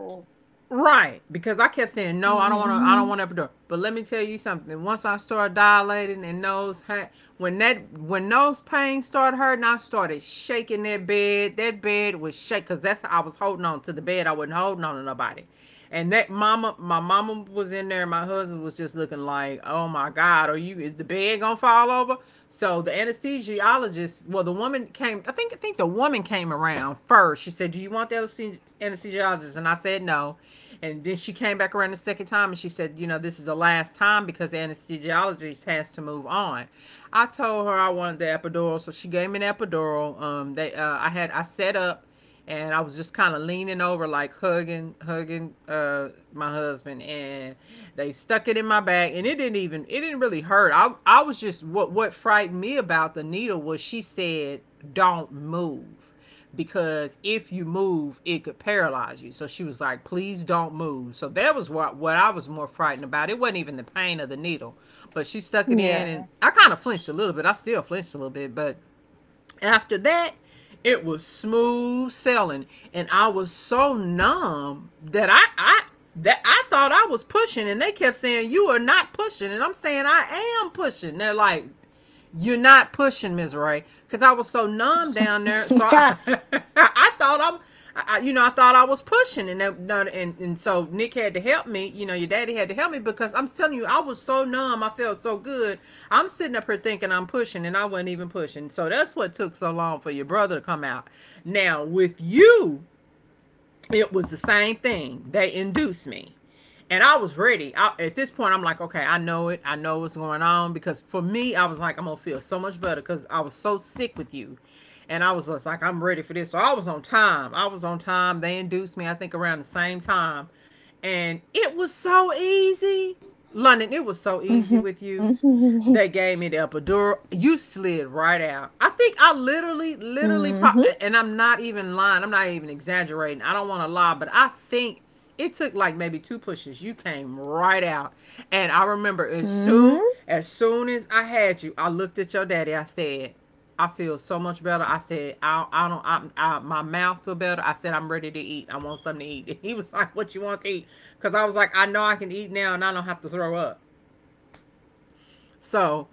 S1: Right, because I kept saying no, I don't
S2: Hmm.
S1: want to. I don't want to door. But let me tell you something. Once I started dilating and those hurt, when that when those pains started hurting, I started shaking that bed. That bed was shake because that's I was holding on to the bed. I wasn't holding on to nobody. And that mama, my mama was in there, and my husband was just looking like, "Oh my God, are you? Is the bed gonna fall over?" So the anesthesiologist, well, the woman came. I think the woman came around first. She said, "Do you want the anesthesiologist?" And I said, "No." And then she came back around the second time, and she said, "You know, this is the last time because the anesthesiologist has to move on." I told her I wanted the epidural, so she gave me an epidural. They, I set up and I was just kind of leaning over, like hugging my husband, and they stuck it in my back, and it didn't even, it didn't really hurt. I was just what frightened me about the needle was she said, "Don't move," because if you move, it could paralyze you. So she was like, "Please don't move." So that was what I was more frightened about. It wasn't even the pain of the needle, but she stuck it
S2: Yeah.
S1: in, and I kind of flinched a little bit. But after that, it was smooth sailing, and I was so numb that I thought I was pushing, and they kept saying you are not pushing, and I'm saying I am pushing. They're like, you're not pushing, Ms. Ray, because I was so numb down there. So I, I thought I'm, I thought I was pushing, and and so Nick had to help me. You know, your daddy had to help me because I'm telling you, I was so numb. I felt so good. I'm sitting up here thinking I'm pushing, and I wasn't even pushing. So that's what took so long for your brother to come out. Now with you, it was the same thing. They induced me. And I was ready. At this point, I'm like, okay, I know it. I know what's going on. Because for me, I was like, I'm going to feel so much better because I was so sick with you. And I was just like, I'm ready for this. So I was on time. I was on time. They induced me, I think, around the same time. And it was so easy. London, it was so easy with
S2: Hmm.
S1: you. They gave me the epidural. You slid right out. I think I literally, literally, and I'm not even lying. I'm not even exaggerating. I don't want to lie, but I think it took like maybe two pushes. You came right out, and I
S2: Mm-hmm.
S1: remember as soon as I had you, I looked at your daddy. I said, "I feel so much better." I said, I don't. My mouth feel better." I said, "I'm ready to eat. I want something to eat." And he was like, "What you want to eat?" Because I was like, "I know I can eat now, and I don't have to throw up." So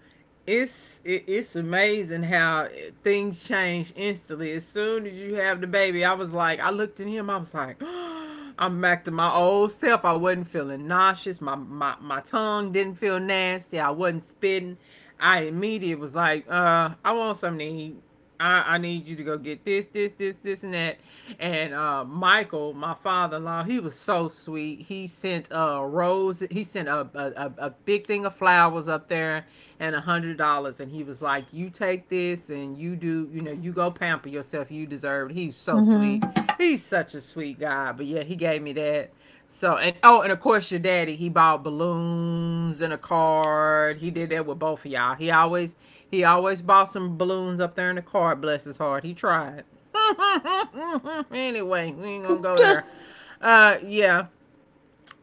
S1: it's amazing how things change instantly. As soon as you have the baby, I was like, I looked at him, I was like, oh, I'm back to my old self. I wasn't feeling nauseous. My tongue didn't feel nasty. I wasn't spitting. I immediately was like, I want something to eat. I need you to go get this, this, this, this, and that. And Michael, my father-in-law, he was so sweet. He sent a rose. He sent a big thing of flowers up there and $100. And he was like, "You take this, and you do. You know, you go pamper yourself. You deserve it." He's so
S2: Mm-hmm.
S1: sweet. He's such a sweet guy. But yeah, he gave me that. So, and oh, and of course your daddy, he bought balloons and a card. He did that with both of y'all. He always bought some balloons up there in the card, bless his heart. He tried. Anyway, we ain't gonna go there. Yeah.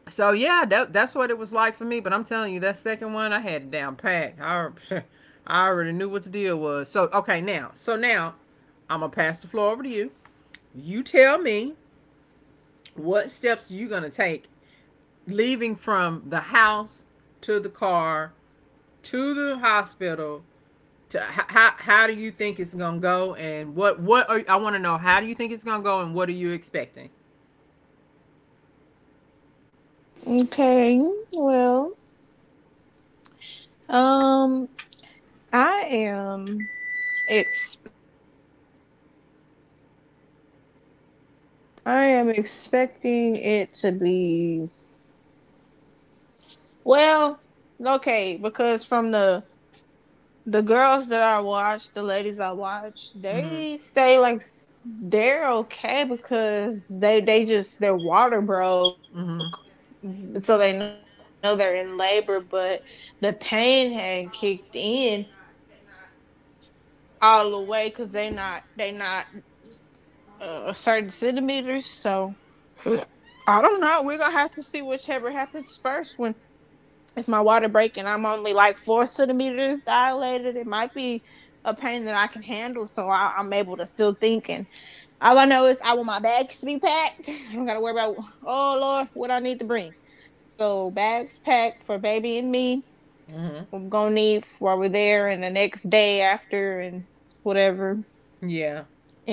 S1: So yeah, that's what it was like for me. But I'm telling you, that second one I had it down packed. I, I already knew what the deal was. So okay, now I'm gonna pass the floor over to you. You tell me what steps you gonna take leaving from the house to the car to the hospital, to how do you think it's gonna go and what are, I want to know how do you think it's gonna go and what are you expecting?
S2: Okay, well, Um, I am expecting. I am expecting it to be well. Okay, because from the girls that I watch, the ladies I watch,
S1: Mhm.
S2: they say like they're okay because they just their water broke,
S1: Mhm.
S2: so they know they're in labor, but the pain had not kicked in all the way because they not a certain centimeters. So I don't know. We're gonna have to see whichever happens first. When if my water break and I'm only like 4 centimeters dilated, it might be a pain that I can handle, so I'm able to still think. And all I know is I want my bags to be packed. I don't gotta worry about oh Lord, what I need to bring. So bags packed for baby and me.
S1: Mhm.
S2: I'm gonna need while we're there and the next day after and whatever.
S1: Yeah.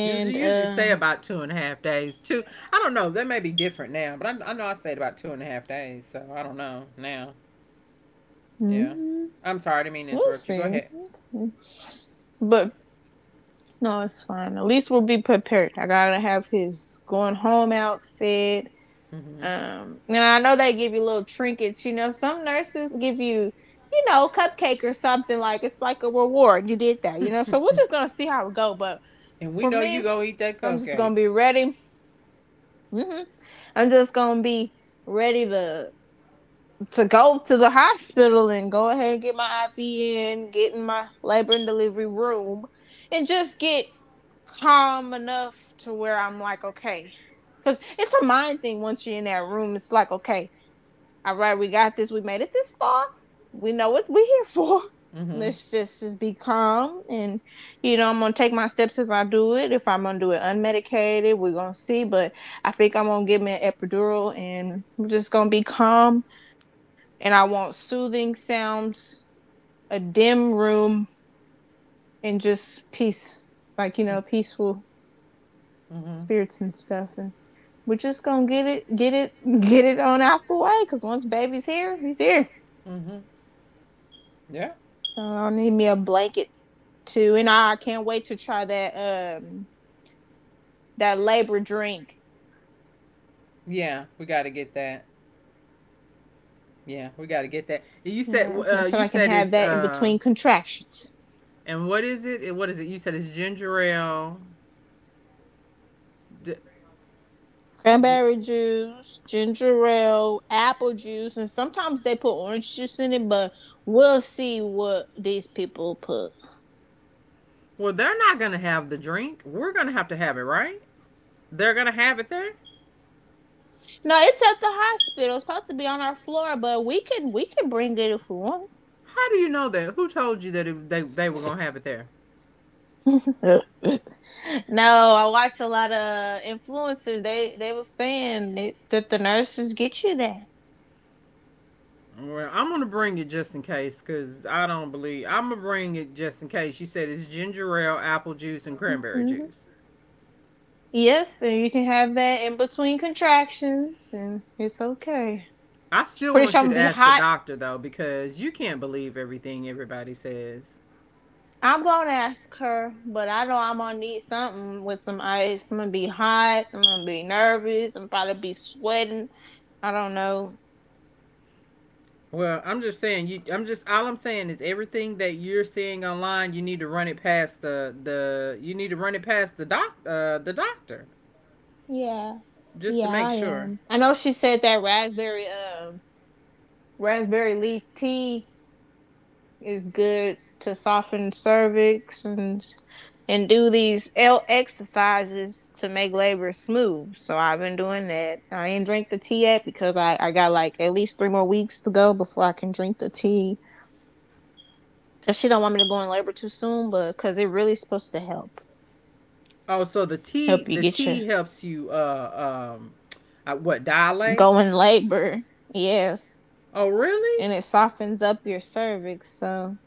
S1: You usually
S2: And
S1: stay about two
S2: um.
S1: and a half days. Two. I don't know. That may be different now, but I know I stayed about 2.5 days. So I don't know now. Yeah.
S2: mm,
S1: I'm sorry. I didn't
S2: We'll
S1: mean to
S2: see.
S1: interrupt you. Go ahead.
S2: But no, it's fine. At least we'll be prepared. I gotta have his going home outfit. And I know they give you little trinkets. You know, some nurses give you, cupcake or something like it's like a reward. You did that. So we're
S1: Hmm.
S2: just gonna see how it go. But
S1: And we
S2: for
S1: know you
S2: me,
S1: gonna eat that
S2: I'm just
S1: cupcake.
S2: gonna be ready. Hmm. I'm just gonna be ready to go to the hospital and go ahead and get my IV in, get in my labor and delivery room, and just get calm enough to where I'm like, okay. Because it's a mind thing once you're in that room. It's like, okay, all right, we got this. We made it this far. We know what we're here for.
S1: Mm-hmm.
S2: Let's just be calm and I'm gonna take my steps as I do it. If I'm gonna do it unmedicated, we're gonna see. But I think I'm gonna give me an epidural and we're just gonna be calm and I want soothing sounds, a dim room and just peace. Like, you know, peaceful
S1: Mm-hmm.
S2: spirits and stuff and we're just gonna get it, get it on out the way. Cause once baby's here, he's here.
S1: Mm-hmm. Yeah.
S2: So I'll need me a blanket too. And I can't wait to try um that labor drink.
S1: Yeah, we gotta get that. Yeah, we gotta get that.
S2: Yeah. That's so
S1: You
S2: I can
S1: said
S2: have
S1: it's
S2: that in
S1: uh,
S2: between contractions.
S1: and what is it? And what is it? You said it's ginger ale. D- w-
S2: Cranberry juice, ginger ale, apple juice, and sometimes they put orange juice in it, but we'll see what these people put.
S1: Well, they're not gonna have the drink. We're gonna have to have it, right? They're gonna have it there.
S2: No, it's at the hospital. It's supposed to be on our floor, but we can bring it if we want.
S1: How do you know that? Who told you that they were gonna have it there?
S2: Yeah. No, I watch a lot of influencers. They were saying it, that the nurses get you that.
S1: Well, I'm gonna bring it just in case, cause I don't believe I'm gonna bring it just in case. You said it's ginger ale, apple juice, and cranberry
S2: Hmm.
S1: juice.
S2: Yes, and you can have that in between contractions, and it's okay.
S1: I still
S2: Pretty
S1: want
S2: sure I'm
S1: you
S2: gonna
S1: to
S2: be
S1: ask the
S2: hot.
S1: doctor though, because you can't believe everything everybody says.
S2: I'm gonna ask her, but I know I'm gonna need something with some ice. I'm gonna be hot. I'm gonna be nervous. I'm probably be sweating. I don't know.
S1: Well, I'm just saying you. I'm just all I'm saying is everything that you're seeing online, you need to run it past the the. You need to run it past the doc the doctor
S2: Yeah, yeah,
S1: just
S2: I
S1: to make
S2: am.
S1: sure.
S2: I know she said that raspberry leaf tea is good to soften cervix and do these L exercises to make labor smooth. So I've been doing that. I ain't drink the tea yet because I got like at least 3 more weeks to go before I can drink the tea. Cause she don't want me to go in labor too soon, but cause it really supposed to help,
S1: Oh, so
S2: help you
S1: the
S2: get your
S1: tea helps you what, dilate?
S2: go in labor. Yeah.
S1: Oh, really?
S2: And it softens up your cervix. So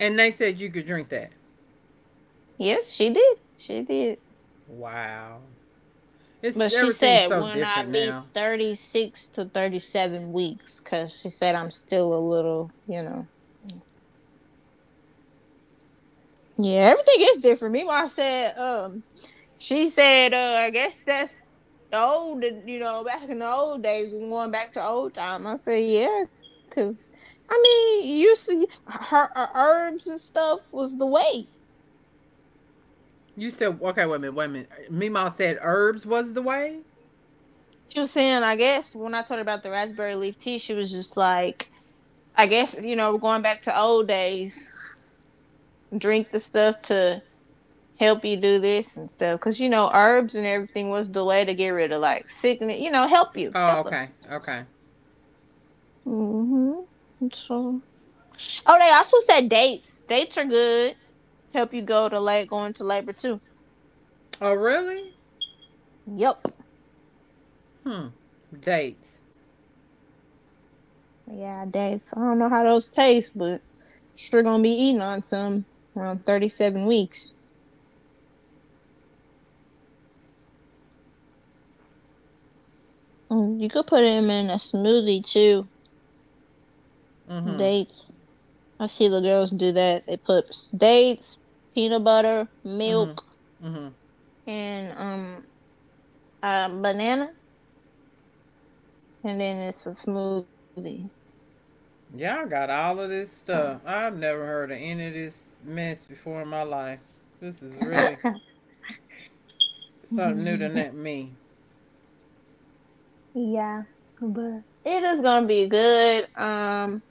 S1: And they said you could drink that.
S2: yes, she did. She did.
S1: Wow. It's
S2: But she
S1: Everything's
S2: said
S1: so
S2: when I
S1: different
S2: be
S1: now.
S2: 36 to 37 weeks, cause she said I'm still a little, you know, Yeah, everything is different. Meanwhile, I said, she said, I guess that's the old, you know, back in the old days, going back to old time. I said, yeah, because, I mean, you see, her herbs and stuff was the way.
S1: You said okay, wait a minute, wait a minute. Meemaw said herbs was the way.
S2: She was saying, I guess, when I told her about the raspberry leaf tea, she was just like, I guess, you know, going back to old days, drink the stuff to help you do this and stuff. Because, you know, herbs and everything was the way to get rid of, like, sickness, you know, help you,
S1: Oh,
S2: help
S1: okay,
S2: us. Help us.
S1: okay.
S2: Mm-hmm. True. Oh, they also said dates. Dates are good. Help you go to late going to labor too.
S1: Oh, really?
S2: Yep.
S1: Hmm. Dates.
S2: Yeah, dates. I don't know how those taste, but sure gonna be eating on some around 37 weeks. You could put them in a smoothie too.
S1: Mm-hmm.
S2: Dates. I see the girls do that. They put dates, peanut butter,
S1: Mm-hmm.
S2: milk,
S1: Mm-hmm.
S2: and a banana, and then it's a smoothie.
S1: Y'all got all of
S2: So
S1: this stuff. I've never heard of any of this mess before in my life. This is really something new to net me.
S2: yeah, but it is gonna be good.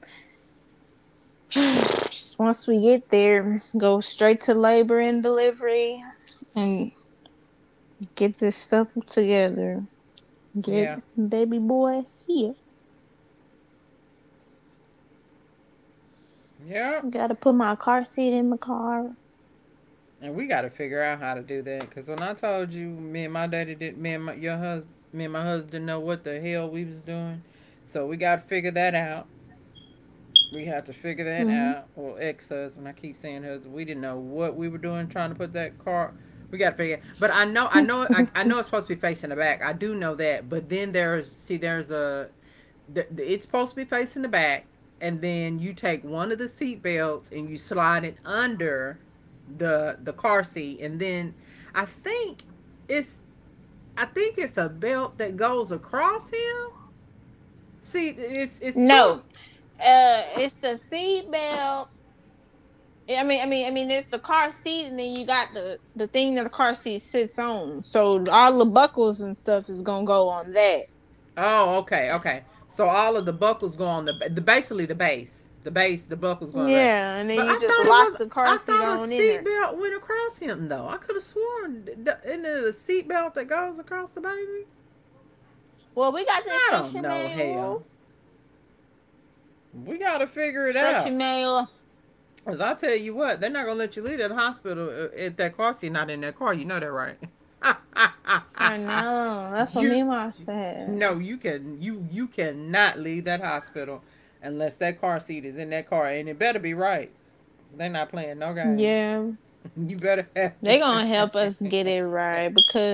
S2: Once we get there, go straight to labor and delivery, and get this stuff together.
S1: Yeah.
S2: Get baby boy here.
S1: Yep.
S2: Gotta put my car seat in my car.
S1: And we got to figure out how to do that. Cause when I told you, me and my husband didn't know what the hell we was doing. So we got to figure that out. We had to figure that out. Well, ex husband, I keep saying husband. We didn't know what we were doing trying to put that car. We got to figure it out. But I know it's supposed to be facing the back. I do know that. But then there's a it's supposed to be facing the back, and then you take one of the seat belts and you slide it under the car seat, and then I think it's I think it's a belt that goes across him. See, it's two.
S2: No, it's the seat belt. I mean, it's the car seat, and then you got the thing that the car seat sits on. So all the buckles and stuff is gonna go on that.
S1: Oh, okay, okay. So all of the buckles go on the basically the base, the buckles going back.
S2: Yeah, and then
S1: But
S2: you just lock the car
S1: I
S2: seat
S1: thought a
S2: on in there.
S1: seatbelt went across him though. I could have sworn, isn't it a seatbelt that goes across the baby?
S2: Well, we got the
S1: I don't
S2: instruction
S1: know.
S2: manual.
S1: Hell, we gotta figure it
S2: Instruction
S1: out.
S2: manual.
S1: Cause I tell you what, they're not gonna let you leave that hospital if that car seat not in that car. You know that, right?
S2: I know. That's what me
S1: you,
S2: mom
S1: you-
S2: said.
S1: no, you can you cannot leave that hospital unless that car seat is in that car, and it better be right. They're not playing no games.
S2: Yeah.
S1: You better have
S2: They
S1: it.
S2: gonna help us get it right because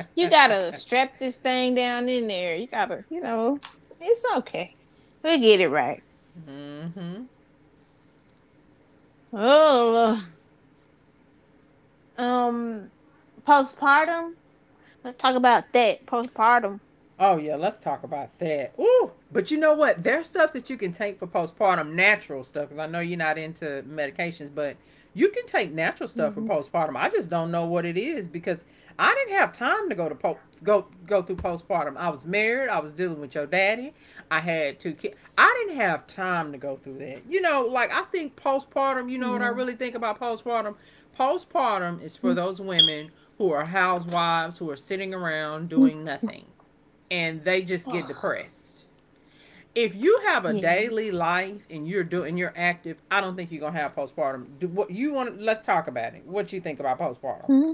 S2: you gotta strap this thing down in there. You gotta, it's okay. We get it right.
S1: Mm-hmm.
S2: Oh, um, postpartum. Let's talk about that. Postpartum.
S1: Oh yeah, let's talk about that. Ooh, but you know what? There's stuff that you can take for postpartum, natural stuff. Because I know you're not into medications, but you can take natural
S2: Mm-hmm.
S1: stuff for postpartum. I just don't know what it is because I didn't have time to go through postpartum. I was married. I was dealing with your daddy. I had two kids. I didn't have time to go through that. You know, like I think postpartum. You
S2: Yeah.
S1: know what I really think about postpartum?
S2: Mm-hmm.
S1: Postpartum is for those women who are housewives who are sitting around doing nothing and they just get depressed. If you have a
S2: Yeah.
S1: daily life and you're active, I don't think you're gonna have postpartum. Do what you want. Let's talk about it. What you think about postpartum?
S2: Mm-hmm.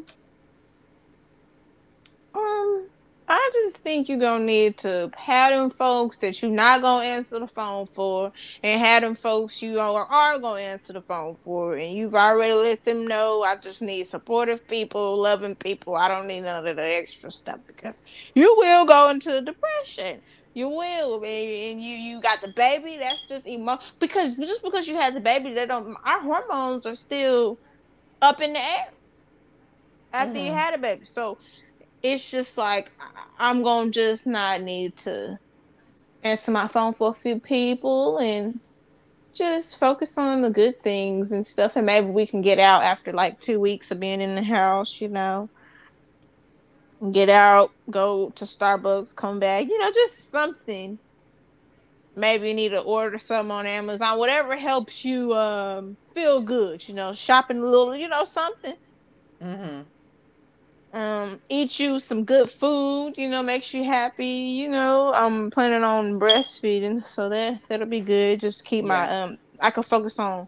S2: Um, I just think you're gonna need to have them folks that you're not gonna answer the phone for, and have them folks you are gonna answer the phone for, and you've already let them know. I just need supportive people, loving people. I don't need none of the extra stuff because you will go into depression. You will, baby, and you got the baby. That's just emo because just because you had the baby, they don't. Our hormones are still up in the air after you
S1: Mm-hmm.
S2: had a baby, so it's just like am gonna just not need to answer my phone for a few people and just focus on the good things and stuff and maybe we can get out after like 2 weeks of being in the house. Get out, go to Starbucks, come back, just something. Maybe you need to order something on Amazon, whatever helps you feel good, shopping a little, something
S1: Mm-hmm.
S2: eat you some good food, makes you happy. I'm planning on breastfeeding, so that'll be good. Just keep
S1: Yeah.
S2: my I can focus on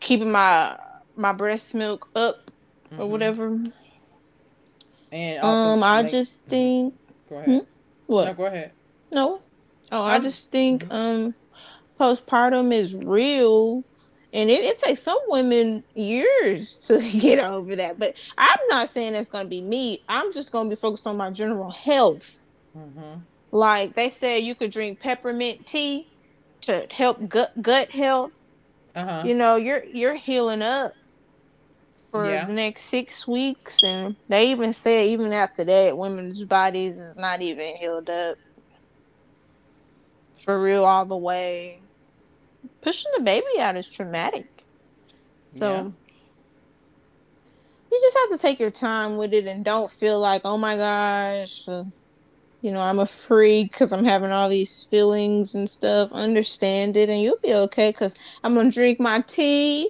S2: keeping my breast milk up or
S1: Mm-hmm.
S2: whatever.
S1: And also
S2: I
S1: make.
S2: just
S1: Mm-hmm.
S2: think.
S1: Go
S2: Hmm?
S1: ahead.
S2: What?
S1: No, go ahead.
S2: No. Oh, I
S1: I was.
S2: just think
S1: Mm-hmm.
S2: postpartum is real, and it takes some women years to get over that. But I'm not saying that's gonna be me. I'm just gonna be focused on my general health.
S1: Mm-hmm.
S2: Like they said, you could drink peppermint tea to help gut health.
S1: Uh huh.
S2: You know, you're healing up for the
S1: Yeah.
S2: next 6 weeks, and they even said even after that, women's bodies is not even healed up for real all the way. Pushing the baby out is traumatic,
S1: Yeah.
S2: so you just have to take your time with it and don't feel like, oh my gosh, I'm a freak because I'm having all these feelings and stuff. Understand it and you'll be okay because I'm going to drink my tea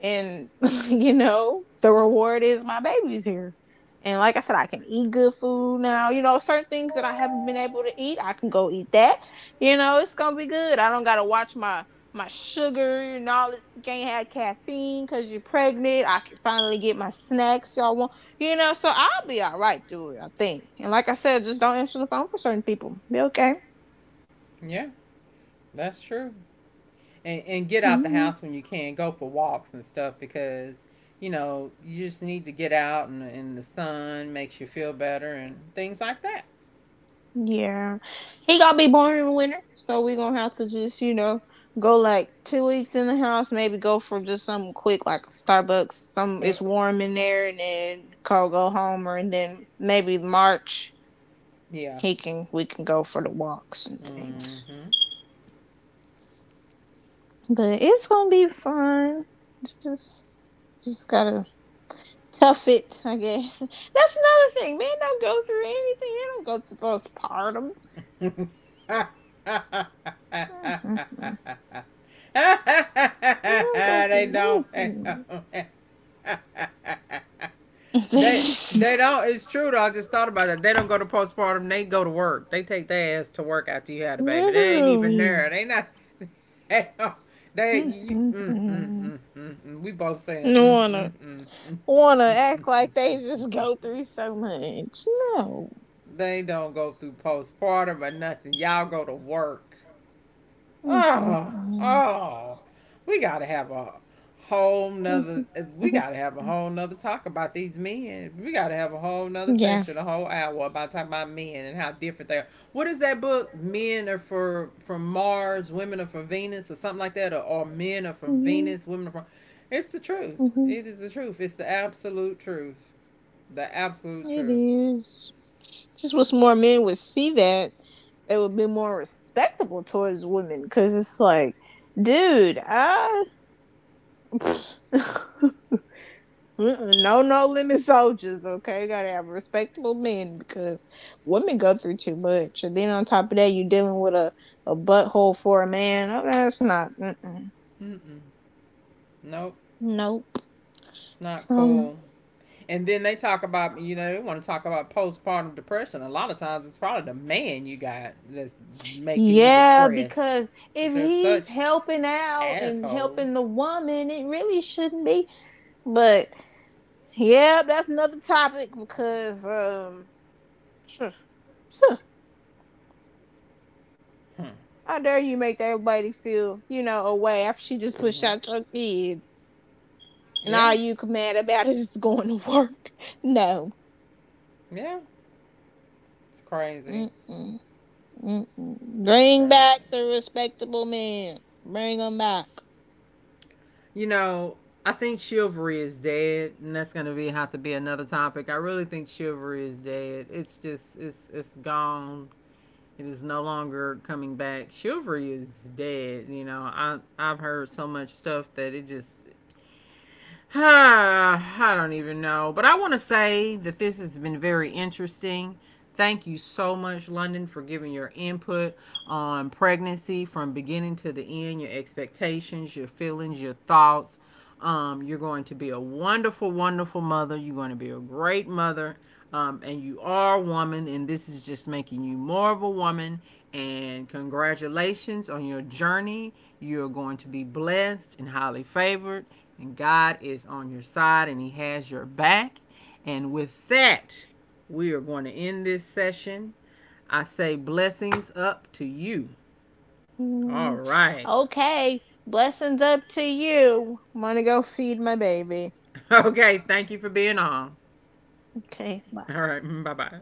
S2: and like, the reward is my baby's here. And like I said, I can eat good food now. Certain things that I haven't been able to eat, I can go eat that. It's gonna be good. I don't gotta watch my sugar and all this. You can't have caffeine because you're pregnant. I can finally get my snacks y'all want. So I'll be all right through it, I think. And like I said, just don't answer the phone for certain people, be okay.
S1: Yeah. That's true. And get out the
S2: Yeah.
S1: house when you can. Go for walks and stuff because you know you just need to get out and the sun makes you feel better and things like that.
S2: Yeah. He gonna be born in the winter, so we gonna have to just, you know, go like 2 weeks in the house, maybe go for just something quick like Starbucks, some
S1: Uh,
S2: it's warm in there and then Cole go home or and then maybe March
S1: Yeah.
S2: he can we can go for the walks and things.
S1: Mm-hmm.
S2: But it's gonna be fun. Just just gotta tough it, I guess. That's another thing. Men don't go through anything. They don't go through postpartum. They don't go
S1: They
S2: through
S1: don't.
S2: anything. They just
S1: They don't. It's true though. I just thought about that. They don't go to postpartum. They go to work. They take their ass to work after you had a baby. They ain't even
S2: literally
S1: there. They not. They don't. Mm, mm,
S2: Mm-mm-mm.
S1: mm, mm, mm. We both saying mm, mm,
S2: wanna
S1: mm, mm, mm,
S2: wanna
S1: mm,
S2: act like they
S1: mm,
S2: just
S1: mm.
S2: go through so much. No.
S1: They don't go through postpartum or nothing. Y'all go to work. Oh,
S2: Mm-mm-mm.
S1: oh, we gotta have a whole nother. We gotta have a whole nother talk about these men. We gotta have a whole nother
S2: Yeah.
S1: session, a whole hour about talking about men and how different they are. What is that book? Men are for from Mars, women are from Venus, or something like that, or men are from
S2: Mhm,
S1: Venus, women are from. It's the truth.
S2: mhm.
S1: It is the truth. It's the absolute truth. The absolute
S2: It
S1: truth.
S2: is. Just wish more men would see that. They would be more respectable towards women. Cause it's like, dude, I Pfft. Mm-mm, no, no limit soldiers. Okay, you gotta have respectable men because women go through too much, and then on top of that, you are dealing with a butthole for a man. Oh, that's not. Mm-mm.
S1: Mm-mm. Nope.
S2: Nope.
S1: It's not
S2: So
S1: cool. And then they talk about, you know, they want to talk about postpartum depression. A lot of times it's probably the man you got that's making you
S2: yeah,
S1: depressed.
S2: because
S1: Because
S2: if
S1: they're
S2: he's
S1: such
S2: helping out and helping
S1: assholes.
S2: the woman, it really shouldn't be. But yeah, that's another topic because
S1: Hmm.
S2: How dare you make that lady feel, you know, away after she just pushed
S1: Hmm.
S2: out your kid? And
S1: Yeah,
S2: all you can mad about is just going to work. No.
S1: yeah. It's crazy.
S2: Mm-mm, mm-mm.
S1: It's
S2: Bring
S1: crazy.
S2: back the respectable men. Bring them back.
S1: You know, I think chivalry is dead, and that's going to be have to be another topic. I really think chivalry is dead. It's just it's gone. It is no longer coming back. Chivalry is dead. You know, I I've heard so much stuff that it just I don't even know. But I want to say that this has been very interesting. Thank you so much, London, for giving your input on pregnancy from beginning to the end, your expectations, your feelings, your thoughts. You're going to be a wonderful, wonderful mother. You're going to be a great mother. And you are a woman, and this is just making you more of a woman. And congratulations on your journey. You're going to be blessed and highly favored and God is on your side and He has your back. And with that, we are going to end this session. I say blessings up to you. All
S2: Mm.
S1: right.
S2: Okay. Blessings up to you. Want to go feed my baby.
S1: Okay. Thank you for being on.
S2: Okay. Bye.
S1: All right. Bye bye.